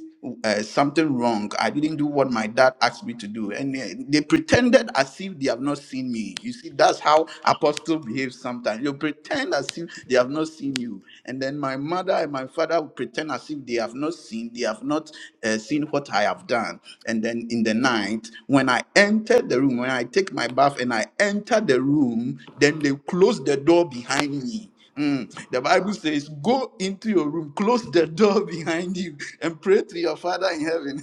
B: uh, something wrong. I didn't do what my dad asked me to do. And they, they pretended as if they have not seen me. You see, that's how apostle behaves sometimes. You pretend as if they have not seen you. And then my mother and my father would pretend as if they have not seen, they have not uh, seen what I have done. And then in the night, when I entered the room, when I take my bath and I enter the room, then they close the door behind me. Mm. The Bible says, Go into your room, close the door behind you, and pray to your Father in heaven.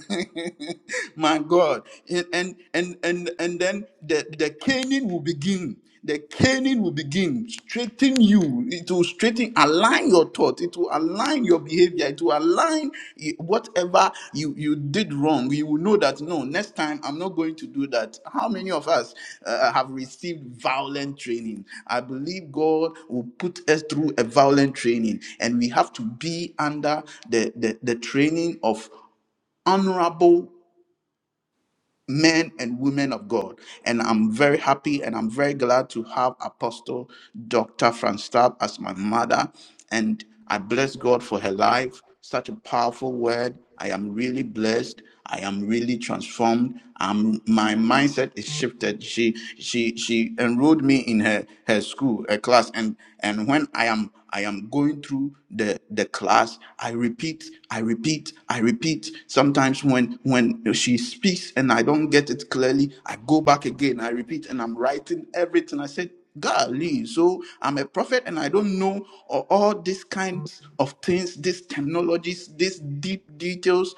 B: My God. And and and and, and then the, the caning will begin. The caning will begin. Straighten you. It will straighten, align your thought. It will align your behavior it will align y- whatever you you did wrong you will know that no next time i'm not going to do that how many of us uh, uh, have received violent training i believe god will put us through a violent training and we have to be under the the, the training of honorable men and women of God. And I'm very happy and I'm very glad to have Apostle Dr. Franz Stab as my mother. And I bless God for her life. Such a powerful word. I am really blessed. I am really transformed. Um, my mindset is shifted. She she she enrolled me in her her school, her class, and and when i am i am going through the the class i repeat i repeat i repeat sometimes when when she speaks and i don't get it clearly i go back again i repeat and i'm writing everything i said golly so i'm a prophet and i don't know a- all these kinds of things these technologies these deep details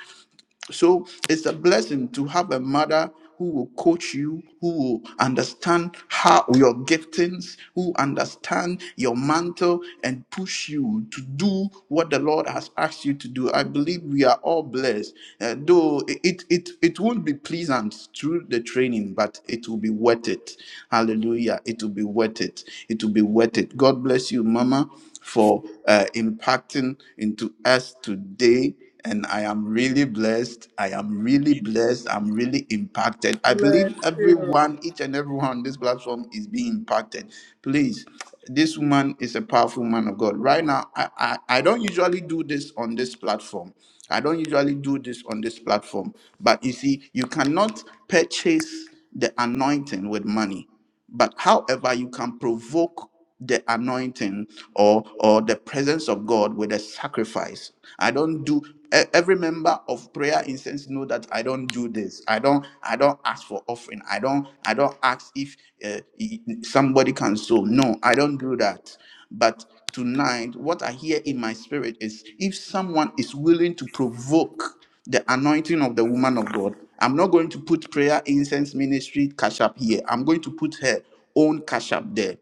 B: so it's a blessing to have a mother who will coach you, who will understand how your giftings, who understand your mantle and push you to do what the Lord has asked you to do. I believe we are all blessed. Uh, though it, it it won't be pleasant through the training, but it will be worth it. Hallelujah. It will be worth it. It will be worth it. God bless you, Mama, for uh, impacting into us today and I am really blessed. I am really blessed. I'm really impacted. I
G: Bless
B: believe
G: you.
B: everyone, each and everyone on this platform is being impacted. Please, this woman is a powerful man of God. Right now, I, I, I don't usually do this on this platform. I don't usually do this on this platform. But you see, you cannot purchase the anointing with money but however you can provoke the anointing or or the presence of god with a sacrifice i don't do e- every member of prayer incense know that i don't do this i don't i don't ask for offering i don't i don't ask if uh, e- somebody can sow no i don't do that but tonight, what I hear in my spirit is if someone is willing to provoke the anointing of the woman of God, I'm not going to put prayer incense ministry cash up here. I'm going to put her own cash up there.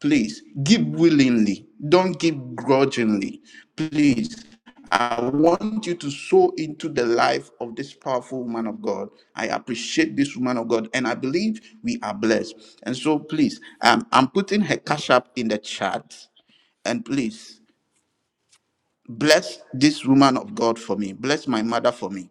B: Please give willingly, don't give grudgingly. Please. I want you to sow into the life of this powerful woman of God. I appreciate this woman of God, and I believe we are blessed. And so, please, um, I'm putting her cash app in the chat, and please bless this woman of God for me. Bless my mother for me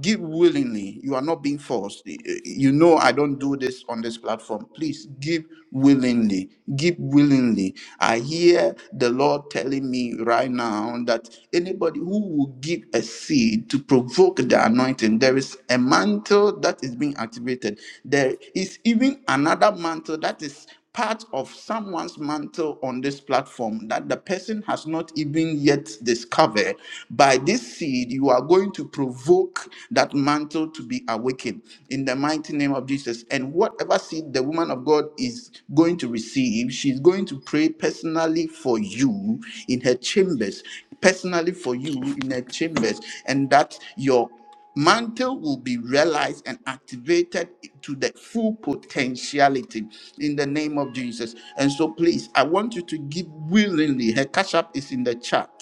B: give willingly you are not being forced Eh, eh, you know i don't do this on this platform please give willingly give willingly i hear the lord telling me right now that anybody who will give a seed to provoke the anointing there is a mantle that is being activated there is even another mantle that is part of someone's mantle on this platform that the person has not even yet discovered. By this seed, you are going to provoke that mantle to be awakened in the mighty name of Jesus. And whatever seed the woman of God is going to receive, she's going to pray personally for you in her chambers, personally for you in her chambers, and that your mantle will be realized and activated to the full potentiality in the name of Jesus. And so, please, I want you to give willingly. Her cash app is in the chat.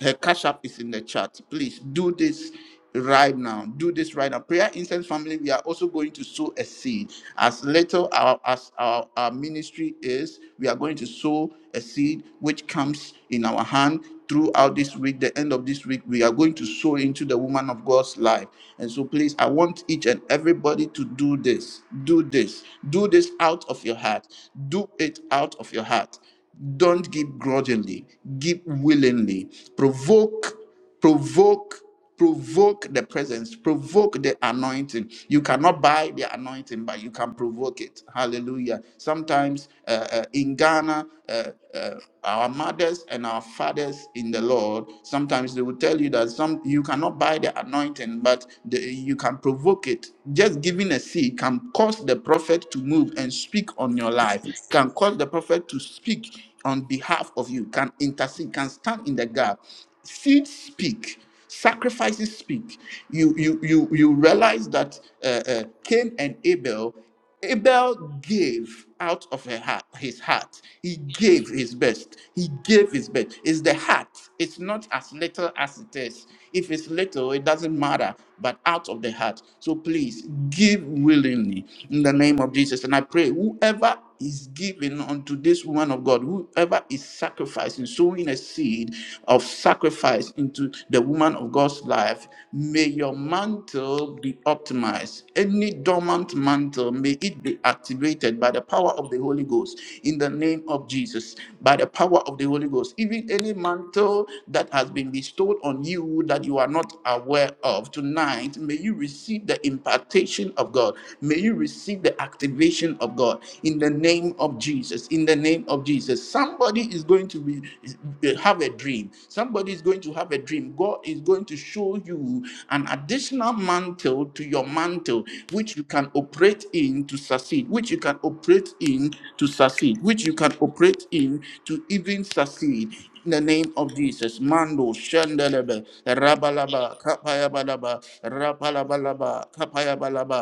B: Her cash app is in the chat. Please do this right now. Do this right now. Prayer Incense family, we are also going to sow a seed. As little our, as our, our ministry is, we are going to sow a seed which comes in our hand throughout this week, the end of this week. We are going to sow into the woman of God's life. And so, please, I want each and everybody to do this. Do this. Do this out of your heart. Do it out of your heart. Don't give grudgingly, give willingly. Provoke, provoke, provoke the presence, provoke the anointing. You cannot buy the anointing, but you can provoke it. Hallelujah. Sometimes uh, uh, in Ghana, uh, uh, our mothers and our fathers in the Lord, sometimes they will tell you that some you cannot buy the anointing, but the, you can provoke it. Just giving a seed can cause the prophet to move and speak on your life, can cause the prophet to speak on behalf of you, can intercede, can stand in the gap. Seeds speak. Sacrifices speak. You you you you realize that uh, uh, Cain and Abel. Abel gave out of her heart, his heart. He gave his best. He gave his best. It's the heart. It's not as little as it is. If it's little, it doesn't matter, but out of the heart. So please give willingly in the name of Jesus. And I pray whoever is giving unto this woman of God, whoever is sacrificing, sowing a seed of sacrifice into the woman of God's life, may your mantle be optimized. Any dormant mantle, may it be activated by the power of the Holy Ghost in the name of Jesus. By the power of the Holy Ghost, even any mantle that has been bestowed on you that you are not aware of tonight, may you receive the impartation of God. May you receive the activation of God in the name of Jesus. In the name of Jesus, somebody is going to be have a dream. Somebody is going to have a dream. God is going to show you an additional mantle to your mantle which you can operate in to succeed, which you can operate in to succeed, which you can operate in to even succeed. In the name of Jesus, Mando Shandelebe, Rabalaba, Kapayabalaba, Rapalabalaba, Kapayabalaba,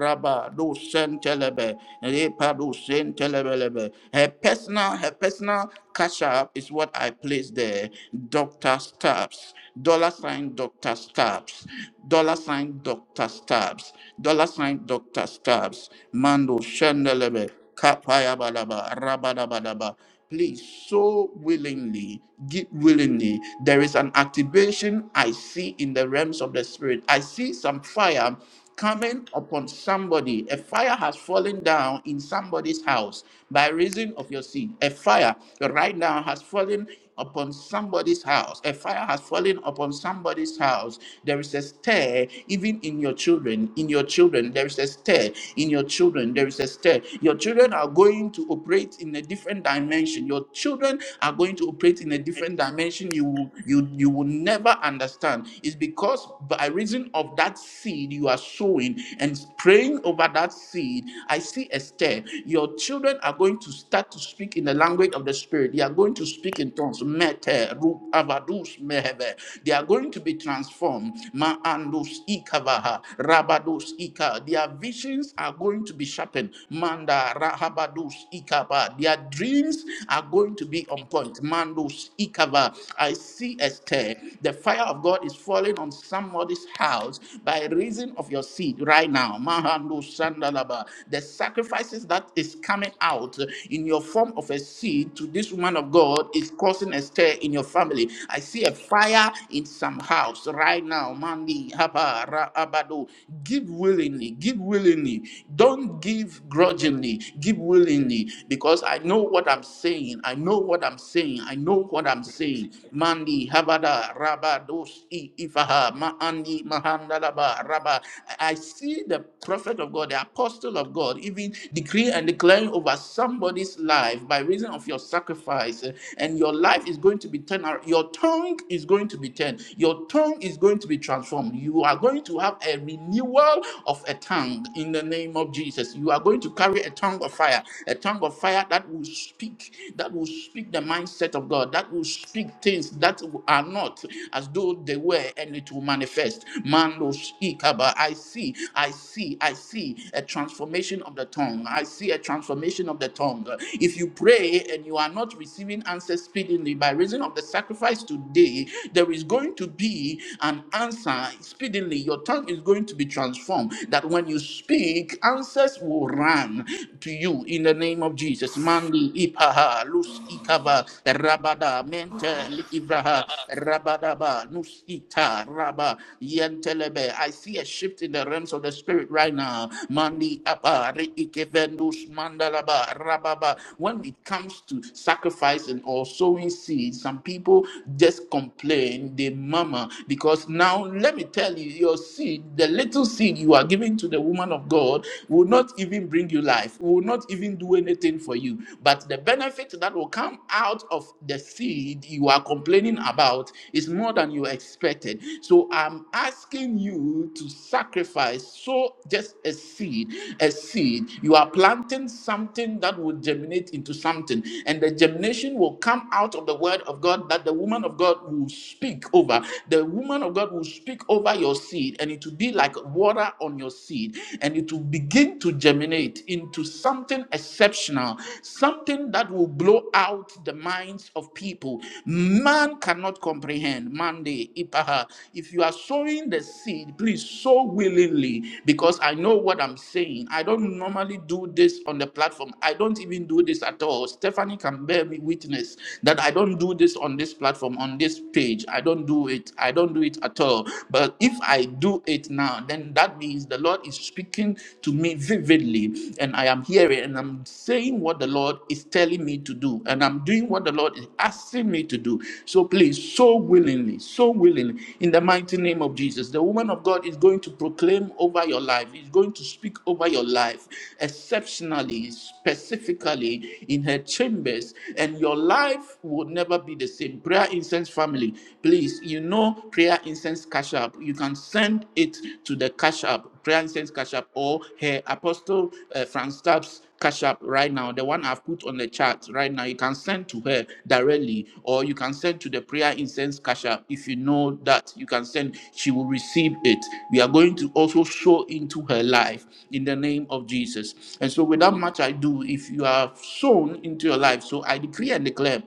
B: Rabba, Do Shantelebe, Repa Do Shantelebelebe. Her personal, her personal cash up is what I placed there. Dr. Stabs, dollar sign Dr. Stabs, dollar sign Dr. Stabs. Scabs, dollar sign Dr. Scabs, Mando Shandelebe, Kapaya Balaba, Rabadabadaba. Please, so willingly, give willingly. There is an activation I see in the realms of the spirit. I see some fire coming upon somebody. A fire has fallen down in somebody's house by reason of your seed. A fire right now has fallen upon somebody's house. A fire has fallen upon somebody's house. There is a stir even in your children. In your children, there is a stir. In your children, there is a stir. Your children are going to operate in a different dimension. Your children are going to operate in a different dimension you will- you you will never understand. It's because by reason of that seed you are sowing and praying over that seed, I see a stir. Your children are going to start to speak in the language of the spirit. They are going to speak in tongues. Nations mete ru avadus meheve. They are going to be transformed. Ma andus ikavaha rabadus ika. Their visions are going to be sharpened. Manda rahabadus ikaba. Their dreams are going to be on point. Mandus ikava. I see a stir. The fire of God is falling on somebody's house by reason of your seed right now. Mahandus sandalaba. The sacrifices that is coming out in your form of a seed to this woman of God is causing causing a stir in your family. I see a fire in some house right now. Mandi, haba, ra, abado. Give willingly, give willingly. Don't give grudgingly, give willingly. Because I know what I'm saying. I know what I'm saying. I know what I'm saying. Mandi, habada, rabados, i, ifaha, ma, andi, mahanda, laba, raba. I I see the prophet of God, the apostle of God, even decree and declaring over somebody's life by reason of your sacrifice, eh, and your life is going to be turned. ar- Your tongue is going to be turned. Your tongue is going to be transformed. You are going to have a renewal of a tongue in the name of Jesus. You are going to carry a tongue of fire, a tongue of fire that will speak, that will speak the mindset of God, that will speak things that are not as though they were, and it will manifest manifest. Mando ikaba. I see, I see, I see a transformation of the tongue. I see a transformation of the tongue. If you pray and you are not receiving answers speedily by reason of the sacrifice today, there is going to be an answer speedily. Your tongue is going to be transformed. That when you speak, answers will run to you in the name of Jesus. Mandi ipaha lus ikaba rabada mente Likivraha Rabadaba Nusita Rabba Yentelebe. I see a shift in the realms of the spirit right now. Mandi Abba Reikevendus Mandalaba Rababa. When it comes to sacrificing or sowing seeds, some people just complain, they murmur. Because now let me tell you, your seed, the little seed you are giving to the woman of God will not even bring you life, will not even do anything for you. But the the benefit that will come out of the seed you are complaining about is more than you expected. So I'm asking you to sacrifice, sow just a seed, a seed. You are planting something that will germinate into something, and the germination will come out of the word of God that the woman of God will speak over. The woman of God will speak over your seed, and it will be like water on your seed, and it will begin to germinate germinate into something exceptional, something that will blow out the minds of people. Man cannot comprehend. Monday, Ipaha. If you are sowing the seed, please sow willingly because I know what I'm saying. I don't normally do this on the platform. I don't even do this at all. Stephanie can bear me witness that I don't do this on this platform, on this page. I don't do it. I don't do it at all. But if I do it now, now, then that means the Lord is speaking to me vividly, and I am hearing and I'm saying what the Lord is telling me to do, and I'm doing what the Lord is asking me to do. So please, so willingly, so willingly, in the mighty name of Jesus, the woman of God is going to proclaim over your life, is going to speak over your life exceptionally, specifically in her chambers, and your life will never be the same. Prayer incense family, please you know prayer incense cash app, you can send it to the cash app, prayer incense cash app, or her apostle uh, Franz Tapp's cash app right now, the one I've put on the chat right now. You can send to her directly, or you can send to the prayer incense cash app. If you know that, you can send, she will receive it. We are going to also sow into her life in the name of Jesus. And so, without much I do, if you are sown into your life, so I decree and declare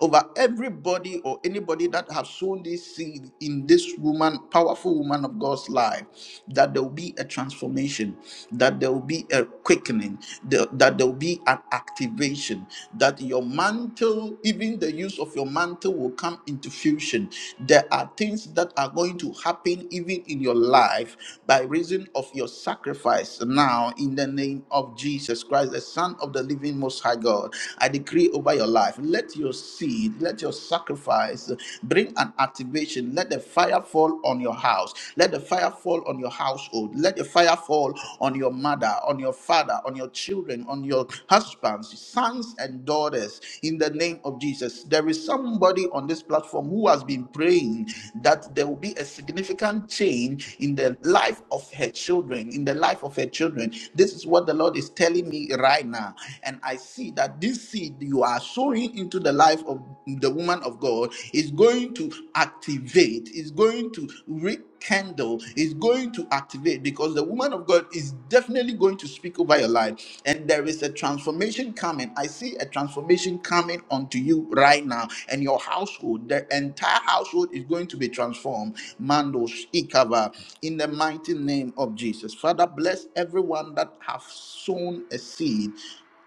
B: over everybody or anybody that have sown this seed in this woman, powerful woman of God's life, that there will be a transformation, that there will be a quickening, the- that there will be an activation, that your mantle, even the use of your mantle, will come into fusion. There are things that are going to happen even in your life by reason of your sacrifice now in the name of Jesus Christ, the Son of the living Most High God. I decree over your life. Let your seed, let your sacrifice bring an activation. Let the fire fall on your house. Let the fire fall on your household. Let the fire fall on your mother, on your father, on your children, on your husbands, sons, and daughters. In the name of Jesus, there is somebody on this platform who has been praying that there will be a significant change in the life of her children, in the life of her children. This is what the Lord is telling me right now. And I see that this seed you are sowing into the life life of the woman of God is going to activate, is going to rekindle, is going to activate because the woman of God is definitely going to speak over your life. And there is a transformation coming. I see a transformation coming onto you right now. And your household, the entire household is going to be transformed. Mandos Ikava, in the mighty name of Jesus. Father, bless everyone that have sown a seed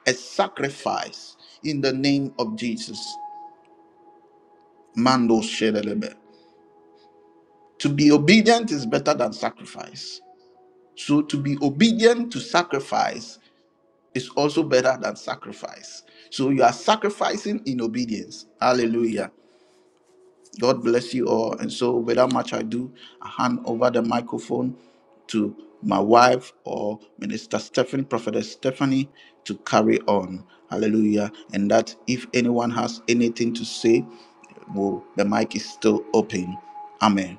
B: a sacrifice in the name of Jesus. Mando Shedelebe. To be obedient is better than sacrifice. So to be obedient to sacrifice is also better than sacrifice. So you are sacrificing in obedience. Hallelujah. God bless you all. And so without much ado, I hand over the microphone to my wife or Minister Stephanie, Prophetess Stephanie, to carry on. Hallelujah. And that if anyone has anything to say, well, the mic is still open. Amen.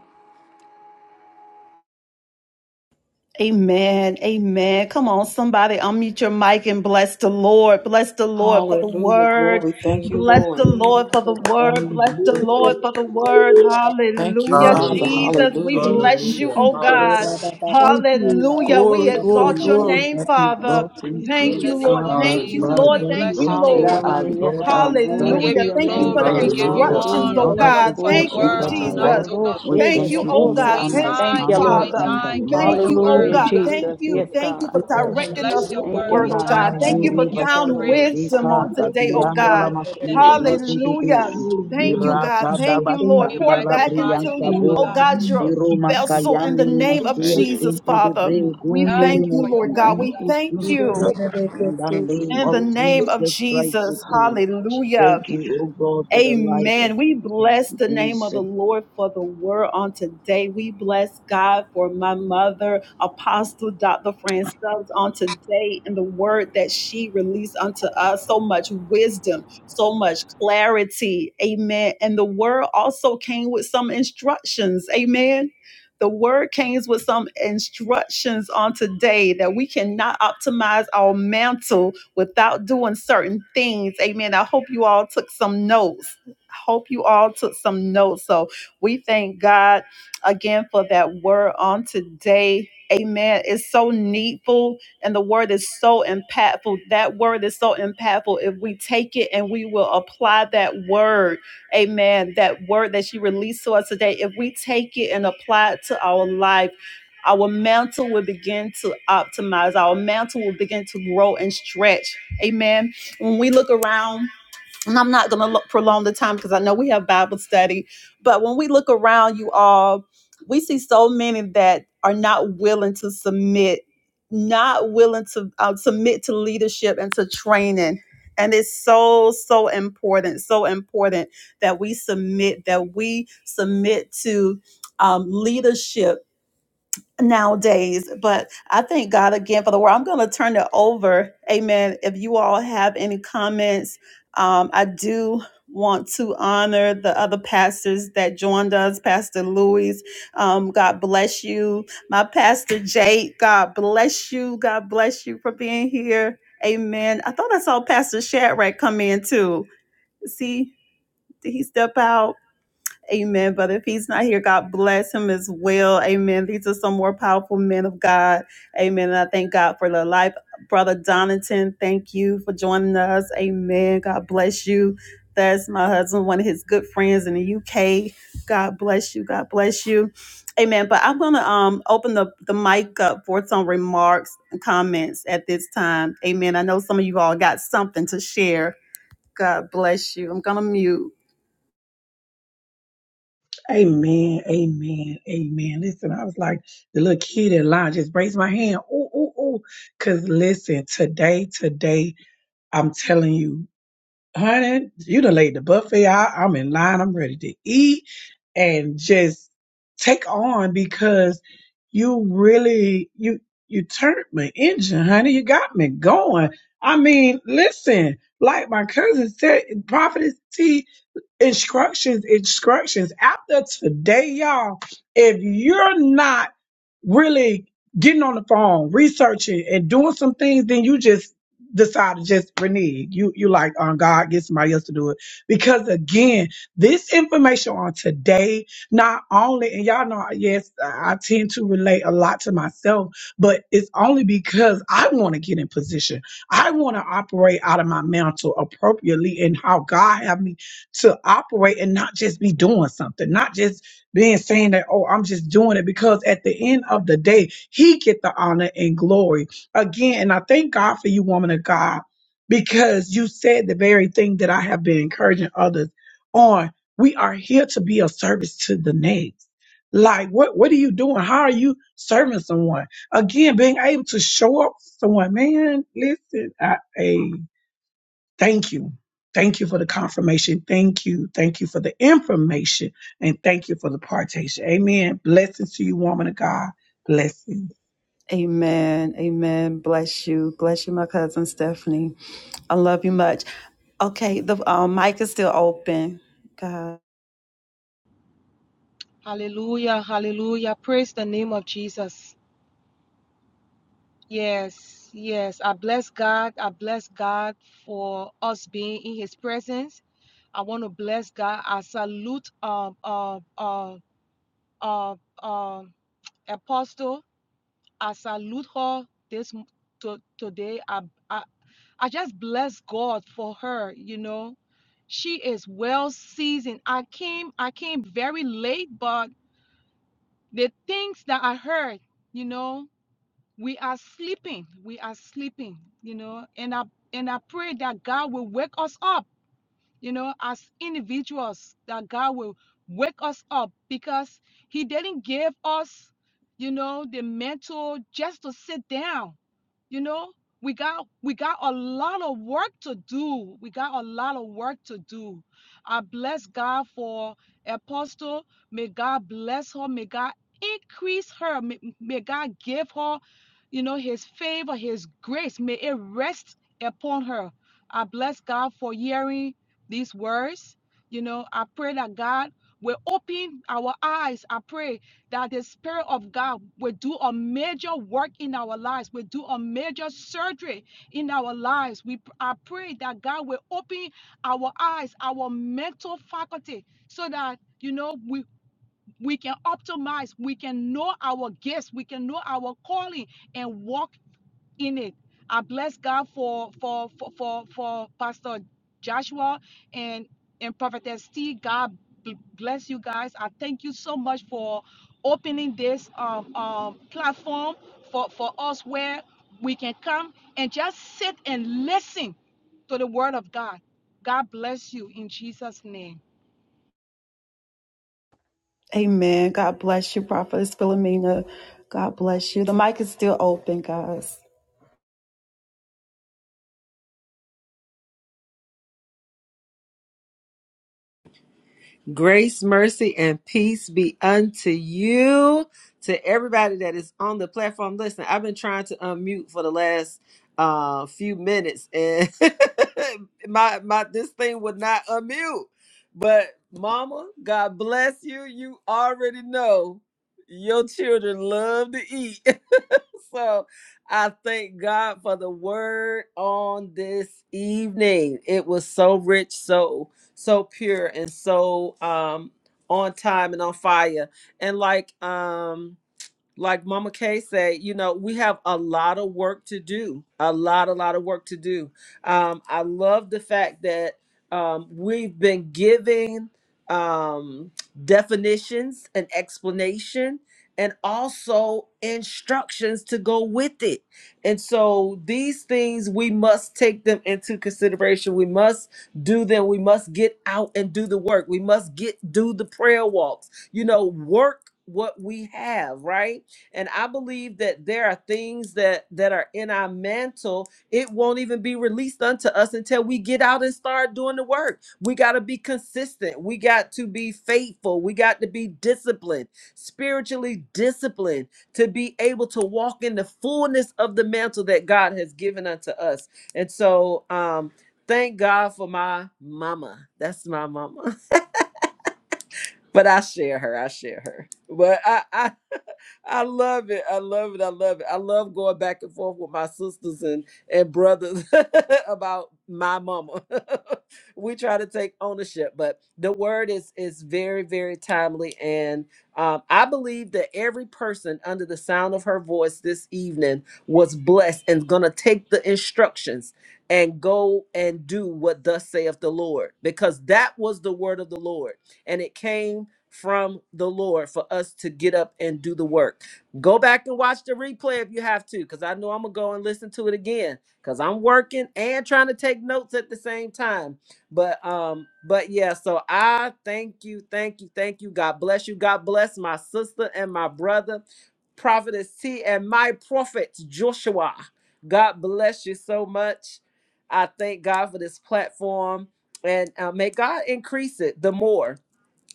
A: Amen. Amen. Come on, somebody unmute your mic and bless the Lord. Bless the Lord for the
F: Hallelujah.
A: word.
F: Glory. Thank you,
A: Bless the
F: Lord.
A: Lord for the word. Bless the
I: Hallelujah.
A: Lord for the word.
I: Glory
F: Thank you,
A: Hallelujah.
I: be to
F: Father.
I: God.
B: Hallelujah.
A: Jesus, we
F: Hallelujah.
I: Thank you,
A: bless
I: Jesus.
A: you,
B: Hallelujah.
A: oh God.
B: Hallelujah.
I: Thank you, God.
A: Hallelujah. We
F: Glory,
J: Thank
F: glory,
A: exalt
B: Hallelujah.
J: you,
A: your
F: glory.
K: Glory
A: name,
J: everybody.
A: Father.
J: God, thank
I: Thank
L: In
A: Thank
J: you,
L: the
A: you,
I: you,
L: name
A: Lord.
L: of
J: Abba
A: Thank
I: Lord,
A: you,
I: that
L: Jesus,
B: Hallelujah.
A: Lord.
I: you
L: we
J: Father.
A: Thank
I: do
L: bless your
A: you,
J: Thank
L: name,
J: you,
L: O
A: Lord.
J: our
L: God.
E: Hallelujah. Yes,
J: God, our
E: God.
L: We
E: Glory
J: God.
E: to
L: give
A: Hallelujah.
L: you
E: your
A: Thank you
J: We
E: name,
A: for
L: glory,
A: the
L: we
E: God.
J: thank
I: it.
L: give
J: you
L: you
J: for
B: Hallelujah.
A: instructions,
L: honor
E: Hallelujah.
A: oh
L: for
I: Thank
J: another
I: you,
L: your
A: God.
L: for the
E: Oh,
J: person,
A: Thank
J: oh
A: you,
L: word
J: God, the
E: Shabbat, la,
L: tonight,
A: Jesus.
J: Lord.
L: O God.
J: We
A: Thank
E: shede,
J: thank
A: you,
J: you for
I: thank
A: oh
J: your
I: you,
A: God.
E: babosa.
L: We
E: Yeah,
A: Thank
E: Thank
A: you,
E: you,
L: thank
I: thank you,
L: you,
I: Lord,
J: understanding
L: we
E: Lord.
A: Father.
I: thank
J: in the
I: you.
L: thank you for
J: name
A: Thank
L: your
J: of
A: you, oh
L: word,
I: God. Thank
E: Hallelujah,
L: O
A: God.
I: you,
J: Jesus
L: God.
I: Lord,
A: Thank
I: for
E: Jesus.
A: you.
E: Yes,
A: Thank
E: God.
A: you for
L: We
J: Christ.
I: the
A: directing
I: way
A: us
L: bless your
A: with the
E: Thank
L: word.
E: you,
A: word,
L: We
A: oh
E: God.
A: God.
I: that
L: thank
I: you
A: Thank
J: Mimali
L: you.
A: you
I: made
L: We
A: for
E: Thank
L: give
J: rivers,
L: you
E: you,
A: sound
E: Lord.
L: praise
A: wisdom
I: me
A: on
J: Sika,
I: like
A: today,
I: this,
A: oh
E: Thank
J: Dabianda
I: for
E: you.
A: God.
I: the
L: in
J: Lamasu,
I: power
L: the name
I: of
L: of
I: it.
L: Jesus.
A: Hallelujah.
J: Shiki,
A: Thank you,
I: Hallelujah,
A: God.
J: Mirata,
A: Thank
I: Jesus.
A: you,
I: Thank
A: Lord.
L: We
I: you.
A: Pour back
L: magnify your
K: to
A: into,
L: name,
K: you.
J: Dabashanda,
L: O
I: Hallelujah,
A: oh
L: God.
A: God, your
J: Liroma
I: Jesus.
A: vessel in
J: kayande
A: the name
I: Thank
A: of
J: masia
K: Thank you.
A: Jesus,
J: simply the
A: Father.
J: very
I: you,
A: We
J: gundele
A: thank
I: Jesus.
L: Thank you for
A: you,
L: your
J: mosi
A: Lord
L: word,
A: God.
M: Thank you,
L: O
M: thank
A: We
L: God.
J: insus
M: you,
A: thank
M: Jesus.
A: you
J: tusa.
I: Thank
J: In the
M: Thank you,
J: name
A: in
J: of
M: Lord.
A: the
I: you.
A: name of
J: Jesus Christ we
A: Jesus.
L: In the
J: pray.
L: name of Jesus.
A: Hallelujah.
J: Thank you, O God, for the life of
A: Amen. We bless the
J: your
A: name of
J: son.
A: the Lord for the word on today. We bless God for my mother, Apostle Dr. Fran Stubbs, on today and the word that she released unto us. So much wisdom, so much clarity. Amen. And the word also came with some instructions. Amen. The word came with some instructions on today that we cannot optimize our mantle without doing certain things. Amen. I hope you all took some notes. hope you all took some notes. So we thank God again for that word on today. Amen. It's so needful and the word is so impactful. That word is so impactful. If we take it and we will apply that word, amen, that word that she released to us today, if we take it and apply it to our life, our mantle will begin to optimize. Our mantle will begin to grow and stretch. Amen. When we look around, and I'm not going to prolong the time because I know we have Bible study, but when we look around, you all, we see so many that are not willing to submit, not willing to uh, submit to leadership and to training. And it's so, so important, so important that we submit, that we submit to um, leadership nowadays. But I thank God again for the word. I'm going to turn it over. Amen. If you all have any comments, um, I do want to honor the other pastors that joined us pastor louis um, god bless you my pastor jake god bless you god bless you for being here amen i thought i saw pastor shadrach come in too see did he step out Amen. But if he's not here, God bless him as well. Amen. These are some more powerful men of God. Amen. And I thank God for the life. Brother Donington, thank you for joining us. Amen. God bless you. That's my husband, one of his good friends in the UK. God bless you. God bless you. Amen. But I'm gonna um open the, the mic up for some remarks and comments at this time. Amen. I know some of you all got something to share. God bless you. I'm gonna mute.
I: Amen, amen, amen. Listen, I was like the little kid in line, just raised my hand. Ooh, ooh, ooh. Cause listen, today, today, I'm telling you, honey, you done laid the buffet out. I'm in line. I'm ready to eat and just take on because you really, you, you turned my engine, honey. You got me going. I mean, listen, like my cousin said, prophetess T, instructions, instructions. After today, y'all, if you're not really getting on the phone, researching and doing some things, then you just decide to just renege. You you like on God, get somebody else to do it. Because again, this information on today, not only and y'all know yes, I I tend to relate a lot to myself, but it's only because I want to get in position. I want to operate out of my mantle appropriately and how God have me to operate and not just be doing something, not just being saying that, oh, I'm just doing it. Because at the end of the day, he get the honor and glory. Again, and I thank God for you, woman of God, because you said the very thing that I have been encouraging others on. We are here to be of service to the next. Like what what are you doing? How are you serving someone? Again, being able to show up for someone, man, listen, I, hey. Thank you. Thank you for the confirmation. Thank you. Thank you for the information. And thank you for the partation. Amen. Blessings to you, woman of God. Blessings.
A: Amen. Amen. Bless you. Bless you, my cousin Stephanie. I love you much. Okay, the um, mic is still open. God.
L: Hallelujah, hallelujah. Praise the name of Jesus. Yes, yes. I bless God. I bless God for us being in His presence. I want to bless God. I salute um uh uh uh um Apostle. I salute her this m- to, today. I, I I just bless God for her. You know, she is well seasoned. I came I came very late, but the things that I heard, you know. we are sleeping we are sleeping you know and i and i pray that god will wake us up you know as individuals that god will wake us up because he didn't give us you know the mental just to sit down you know we got we got a lot of work to do we got a lot of work to do i bless god for apostle may god bless her may god increase her may, may god give her you know his favor his grace may it rest upon her i bless god for hearing these words you know i pray that god will open our eyes i pray that the Spirit of God will do a major work in our lives, will do a major surgery in our lives. We I pray that God will open our eyes, our mental faculty, so that you know we we can optimize, we can know our gifts, we can know our calling, and walk in it. I bless God for for for for, for Pastor Joshua and and Prophetess T. God bless you guys. I thank you so much for opening this um, um, platform for for us where we can come and just sit and listen to the Word of God. God bless you in Jesus' name.
A: Amen. God bless you, Prophetess Philomena. God bless you. The mic is still open, guys.
C: Grace, mercy, and peace be unto you, to everybody that is on the platform. Listen, I've been trying to unmute for the last uh, few minutes, and my my this thing would not unmute. But Mama, God bless you. You already know your children love to eat so I thank God for the word on this evening. It was so rich, so so pure and so um on time and on fire. And like um like Mama Kay said, you know, we have a lot of work to do. A lot, a lot of work to do. Um, I love the fact that um, we've been giving um, definitions and explanation and also instructions to go with it. And so these things, we must take them into consideration. We must do them. We must get out and do the work. We must get, do the prayer walks, you know, work what we have, right? and i believe that there are things that that are in our mantle it won't even be released unto us until we get out and start doing the work we got to be consistent we got to be faithful we got to be disciplined spiritually disciplined to be able to walk in the fullness of the mantle that god has given unto us and so um thank god for my mama that's my mama but i share her i share her but i i I love it. I love it. I love it. I love going back and forth with my sisters and, and brothers about my mama. we try to take ownership, but the word is is very, very timely. And um, I believe that every person under the sound of her voice this evening was blessed and gonna take the instructions and go and do what thus saith the Lord, because that was the word of the Lord and it came from the Lord for us to get up and do the work. Go back and watch the replay if you have to, because I know I'm going to go and listen to it again, because I'm working and trying to take notes at the same time. But, um, but yeah, so I thank you, thank you, thank you. God bless you. God bless my sister and my brother, Prophetess T, and my prophet, Joshua. God bless you so much. I thank God for this platform and uh, may God increase it the more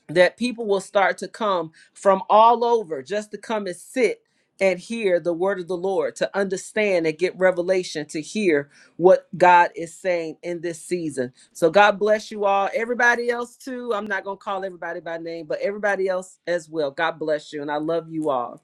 C: that people will start to come from all over just to come and sit and hear the word of the Lord, to understand and get revelation, to hear what God is saying in this season. So, God bless you all. Everybody else, too. I'm not going to call everybody by name, but everybody else as well. God bless you. And I love you all.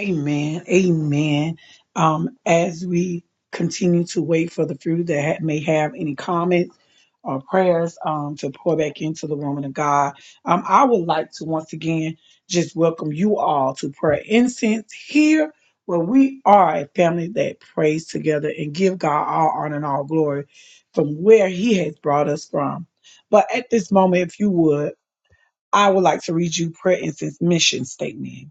I: Amen. Amen. Um, as we continue to wait for the fruit that ha- may have any comments or prayers um, to pour back into the woman of God, um, I would like to once again just welcome you all to prayer incense here where we are a family that prays together and give God all honor and all glory from where he has brought us from. But at this moment, if you would, I would like to read you Prayer Incense mission statement.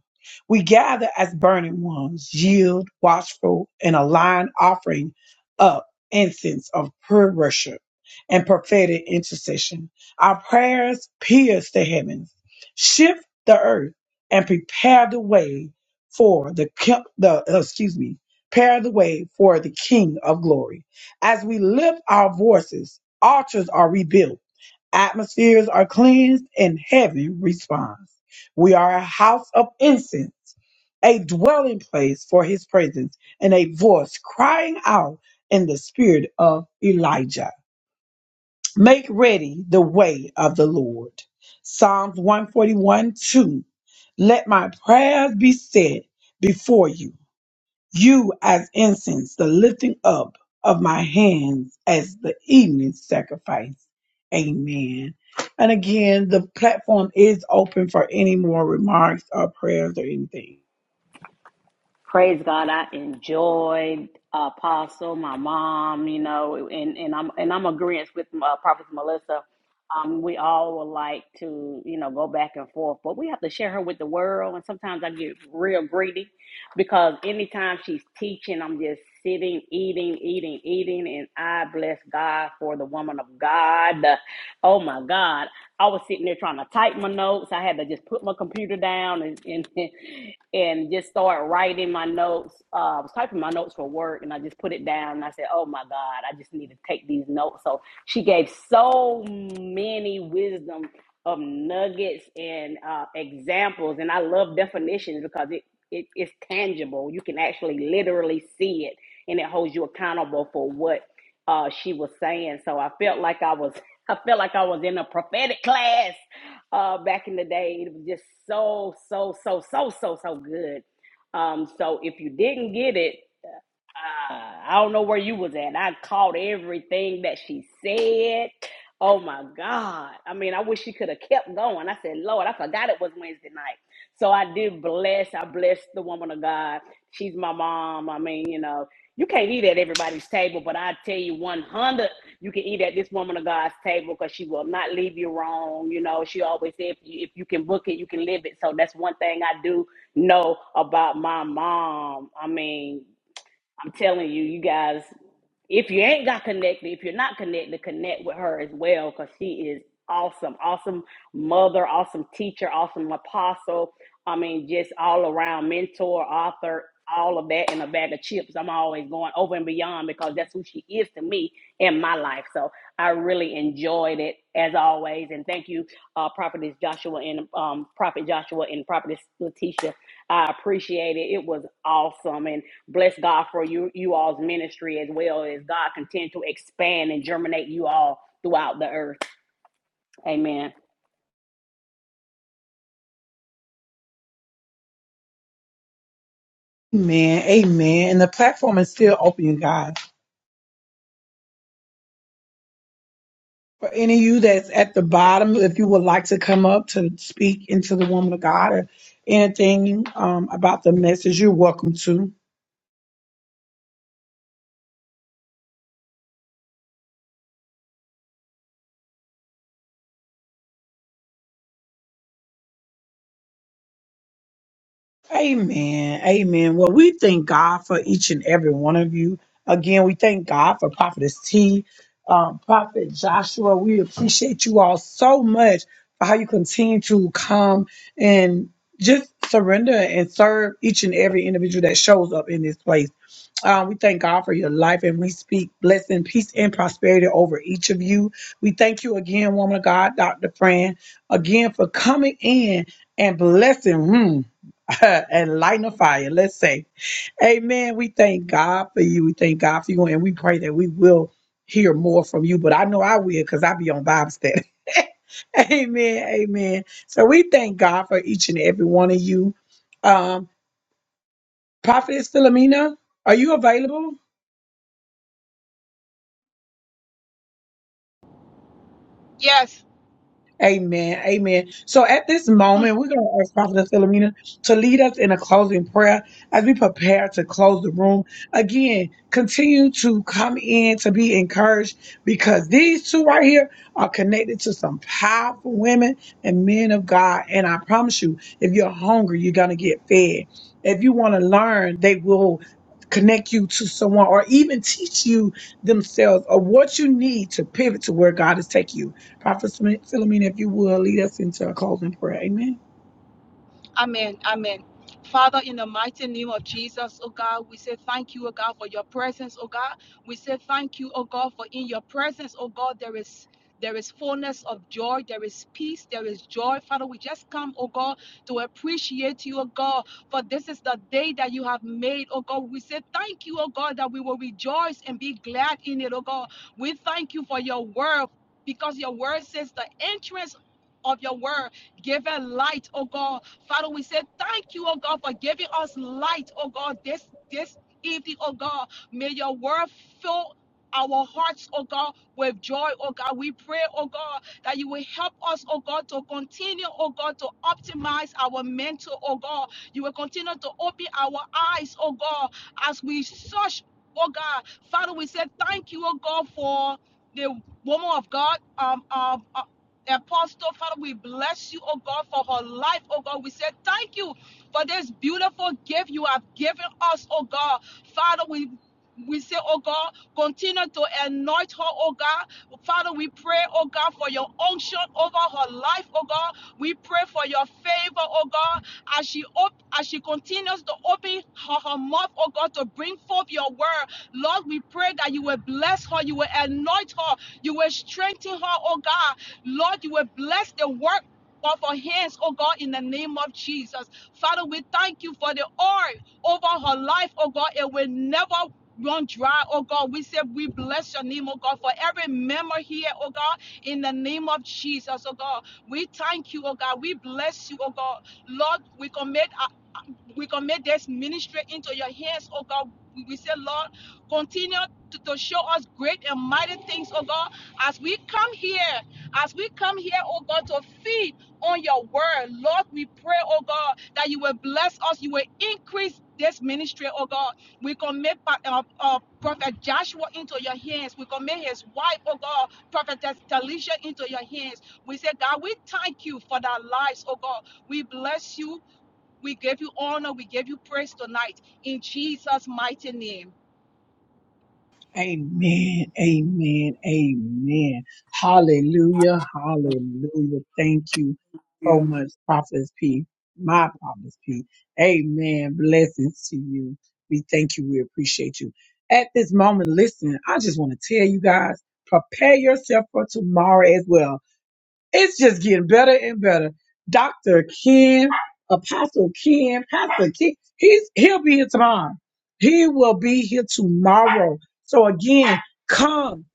I: We gather as burning ones, yield, watchful, and align offering up incense of pure worship and prophetic intercession. Our prayers pierce the heavens, shift the earth, and prepare the way for the, ki- the uh, excuse me, prepare the way for the King of Glory. As we lift our voices, altars are rebuilt Atmospheres are cleansed and heaven responds. We are a house of incense, a dwelling place for his presence, and a voice crying out in the spirit of Elijah. Make ready the way of the Lord. Psalms 141 2. Let my prayers be set before you you as incense, the lifting up of my hands as the evening sacrifice. Amen. And again, the platform is open for any more remarks or prayers or anything.
E: praise God, I enjoyed Apostle, my mom, you know, and, and I'm and I'm agreeing with uh, Prophet Melissa. Um, we all would like to, you know, go back and forth, but we have to share her with the world. And sometimes I get real greedy because anytime she's teaching, I'm just sitting, eating, eating, eating, and I bless God for the woman of God. Oh my God! I was sitting there trying to type my notes. I had to just put my computer down and and, and just start writing my notes. Uh, I was typing my notes for work, and I just put it down. And I said, "Oh my God, I just need to take these notes." So she gave so many wisdom of nuggets and uh, examples, and I love definitions because it, it it's tangible. You can actually literally see it, and it holds you accountable for what uh, she was saying. So I felt like I was I felt like I was in a prophetic class uh, back in the day. It was just so, so, so, so, so, so good. Um, so if you didn't get it, uh, I don't know where you was at. I caught everything that she said. Oh my God. I mean, I wish she could have kept going. I said, Lord, I forgot it was Wednesday night. So I did bless. I blessed the woman of God. She's my mom. I mean, you know, you can't eat at everybody's table, but I tell you, 100, you can eat at this woman of God's table because she will not leave you wrong. You know, she always said, if you, if you can book it, you can live it. So that's one thing I do know about my mom. I mean, I'm telling you, you guys, if you ain't got connected, if you're not connected, connect with her as well because she is awesome, awesome mother, awesome teacher, awesome apostle. I mean, just all around mentor, author, all of that in a bag of chips. I'm always going over and beyond because that's who she is to me in my life. So I really enjoyed it as always. And thank you, uh, Prophetess Joshua and um, Prophet Joshua and Prophetess Letitia. I appreciate it. It was awesome. and. Bless God for you you all's ministry as well as God continue to expand and germinate you all throughout the Amen.
I: Amen. Amen. And the platform is still open, you guys. For any of you that's at the bottom, if you would like to come up to speak into the woman of God or anything um, about the message, you're welcome to. Amen. Amen. Well, we thank God for each and every one of you. Again, we thank God for Prophetess T, um, Prophet Joshua. We appreciate you all so much for how you continue to come and just surrender and serve each and every individual that shows up in this place. Um, we thank God for your life and we speak blessing, peace, and prosperity over each of you. We thank you again, woman of God, Dr. Fran, again for coming in and blessing. Hmm. and lighting a fire. Let's say, Amen. We thank God for you. We thank God for you, and we pray that we will hear more from you. But I know I will because I be on Bible study. Amen. Amen. So we thank God for each and every one of you. Um, Prophetess Philomena, are you available?
L: Yes.
I: Amen. Amen. So at this moment, we're going to ask Prophet Philomena to lead us in a closing prayer as we prepare to close the room. Again, continue to come in to be encouraged because these two right here are connected to some powerful women and men of God. And I promise you, if you're hungry, you're going to get fed. If you want to learn, they will connect you to someone or even teach you themselves or what you need to pivot to where God is taking you. Prophet Philomena, if you will, lead us into a closing prayer. Amen.
L: Amen. Amen. Father, in the mighty name of Jesus, oh God, we say thank you, oh God, for your presence, oh God. We say thank you, oh God, for in your presence, oh God, there is there is fullness of joy, there is peace, there is joy. Father, we just come, oh God, to appreciate you, oh God, for this is the day that you have made, oh God. We say thank you, oh God, that we will rejoice and be glad in it, oh God. We thank you for your word because your word says the entrance of your word given light, oh God. Father, we say thank you, oh God, for giving us light, oh God, this this evening, oh God. May your word fill our hearts, oh God, with joy, oh God. We pray, oh God, that you will help us, oh God, to continue, oh God, to optimize our mental, oh God. You will continue to open our eyes, oh God, as we search, oh God. Father, we say thank you, oh God, for the woman of God, um, um, uh, Apostle, Father, we bless you, oh God, for her life, oh God. We say thank you for this beautiful gift you have given us, oh God. Father, we we say, oh God, continue to anoint her, oh God. Father, we pray, oh God, for your unction over her life, oh God. We pray for your favor, oh God, as she op- as she continues to open her, her mouth, oh God, to bring forth your word. Lord, we pray that you will bless her, you will anoint her, you will strengthen her, oh God. Lord, you will bless the work. Of her hands, oh God, in the name of Jesus. Father, we thank you for the oil over her life, oh God. It will never run dry, oh God. We say we bless your name, oh God, for every member here, oh God, in the name of Jesus, oh God. We thank you, oh God. We bless you, oh God. Lord, we commit uh, uh, we commit this ministry into your hands, oh God. We we say, Lord, continue to, to show us great and mighty things, oh God, as we come here as we come here, oh God, to feed on your word, Lord, we pray, oh God, that you will bless us, you will increase this ministry, oh God. We commit uh, uh, Prophet Joshua into your hands. We commit his wife, oh God, Prophet Talisha into your hands. We say, God, we thank you for their lives, oh God. We bless you. We give you honor. We give you praise tonight in Jesus' mighty name.
I: Amen. Amen. Amen. Hallelujah. Hallelujah. Thank you so
G: Yeah.
I: much, Prophet P. My Prophet P. Amen. Blessings to you. We thank you. We appreciate you. At this moment, listen, I just want to tell you guys, prepare yourself for tomorrow as well. It's just getting better and better. Dr. Ken, Apostle Ken, Pastor Ken, he's he'll be here tomorrow. He will be here tomorrow. So again, come,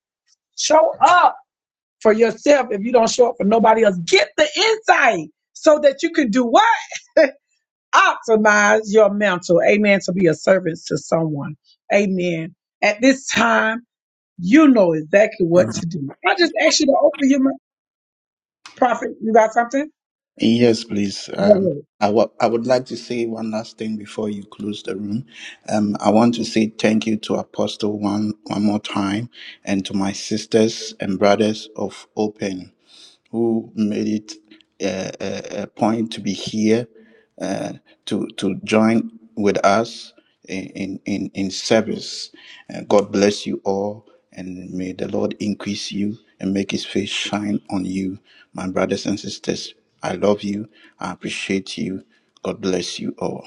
I: show up for yourself. If you don't show up for nobody else, get the insight so that you can do what? Optimize your mental. Amen. To be a servant to someone. Amen. At this time, you know exactly what to do. I just ask you to open your mouth. Prophet, you got something?
B: Yes, please.
I: Go
B: Um,
I: ahead.
B: I wa- I would like to say one last thing before you close the room. Um, I want to say thank you to Apostle one one more time, and to my sisters and brothers of Open. who made it a, a, a point to be here uh, to to join with us in in in service. Uh, God bless you all, and may the Lord increase you and make His face shine on you, my brothers and sisters. I love you. I appreciate you. God bless you all.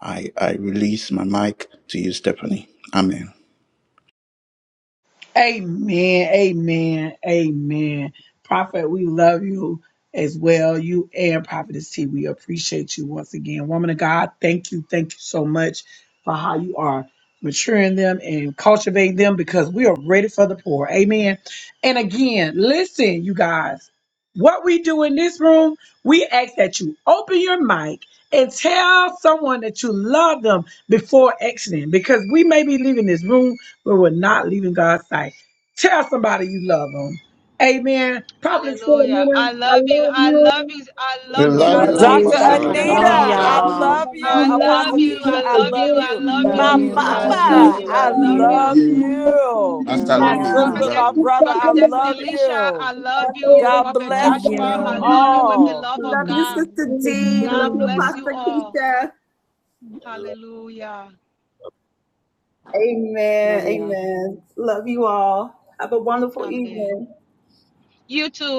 B: I, I release my mic to you, Stephanie. Amen.
I: Amen. Amen. Amen. Prophet, we love you as well. You and Prophetess T, we appreciate you once again. Woman of God, thank you. Thank you so much for how you are maturing them and cultivating them because we are ready for the poor. Amen. And again, listen, you guys, what we do in this room, we ask that you open your mic and tell someone that you love them before exiting because we may be leaving this room but we're not leaving God's sight. Tell somebody you love them. Amen. Prophet
L: Hallelujah.
I: Philomena,
L: I
I: I
L: love you.
I: love
L: I
I: you.
L: love you. I
B: We
L: love
I: Pastor
L: you.
B: love
L: I
B: you,
L: love you,
C: Dr.
L: Sister
B: Apostle
E: I
I: Lynn,
K: Lord.
B: Dr.
C: Anita,
E: love
L: Stephanie.
B: Francis.
C: I
B: Love
I: We
E: y'all.
C: love
I: love you.
C: you.
L: I
I: We love
L: love
C: Apostle
L: you.
I: you.
C: Keisha,
L: I
C: I
I: Pastor
L: love you.
C: love
I: Joe,
L: I
C: you.
I: we
L: love
I: love
E: Love
C: My
I: you.
L: you.
E: you,
L: I
I: Pastor
E: love
L: love
I: Steve,
C: mama,
L: you.
E: you,
L: I
C: I
E: love
I: we
L: love
I: love
E: you,
L: you.
C: love
I: you.
B: you,
I: We love you.
C: you.
E: love
B: Pastor
I: We
C: My
I: love
B: Louis. We
I: you.
C: sister,
E: y'all.
B: love
C: my
L: Prophetess,
B: you.
C: brother,
I: Sister
C: I
I: Emma,
L: Prophetess
I: we
C: love
I: love
L: Delisha,
C: you.
L: I
I: you.
L: love
I: Pastor
A: Love
L: you.
I: Dover,
C: God
A: you,
L: Prophet
C: bless
I: we
E: Love
I: love
A: Dr.
L: Joshua,
C: you
L: I
I: you.
E: you,
L: love
I: We
A: Anita.
L: you
I: love
L: with the
C: all.
L: love of
A: Love
N: I
I: you.
A: you,
L: God.
N: love
A: Sister
N: you
A: D. Love
L: God
A: you,
I: Amen.
L: bless
N: all.
L: you
A: Pastor
L: all.
A: Keisha.
K: Elohi,
L: Hallelujah.
A: Amen.
E: love you.
L: Amen.
A: Amen. Love you all. Have a wonderful
L: Amen.
A: evening.
L: You too.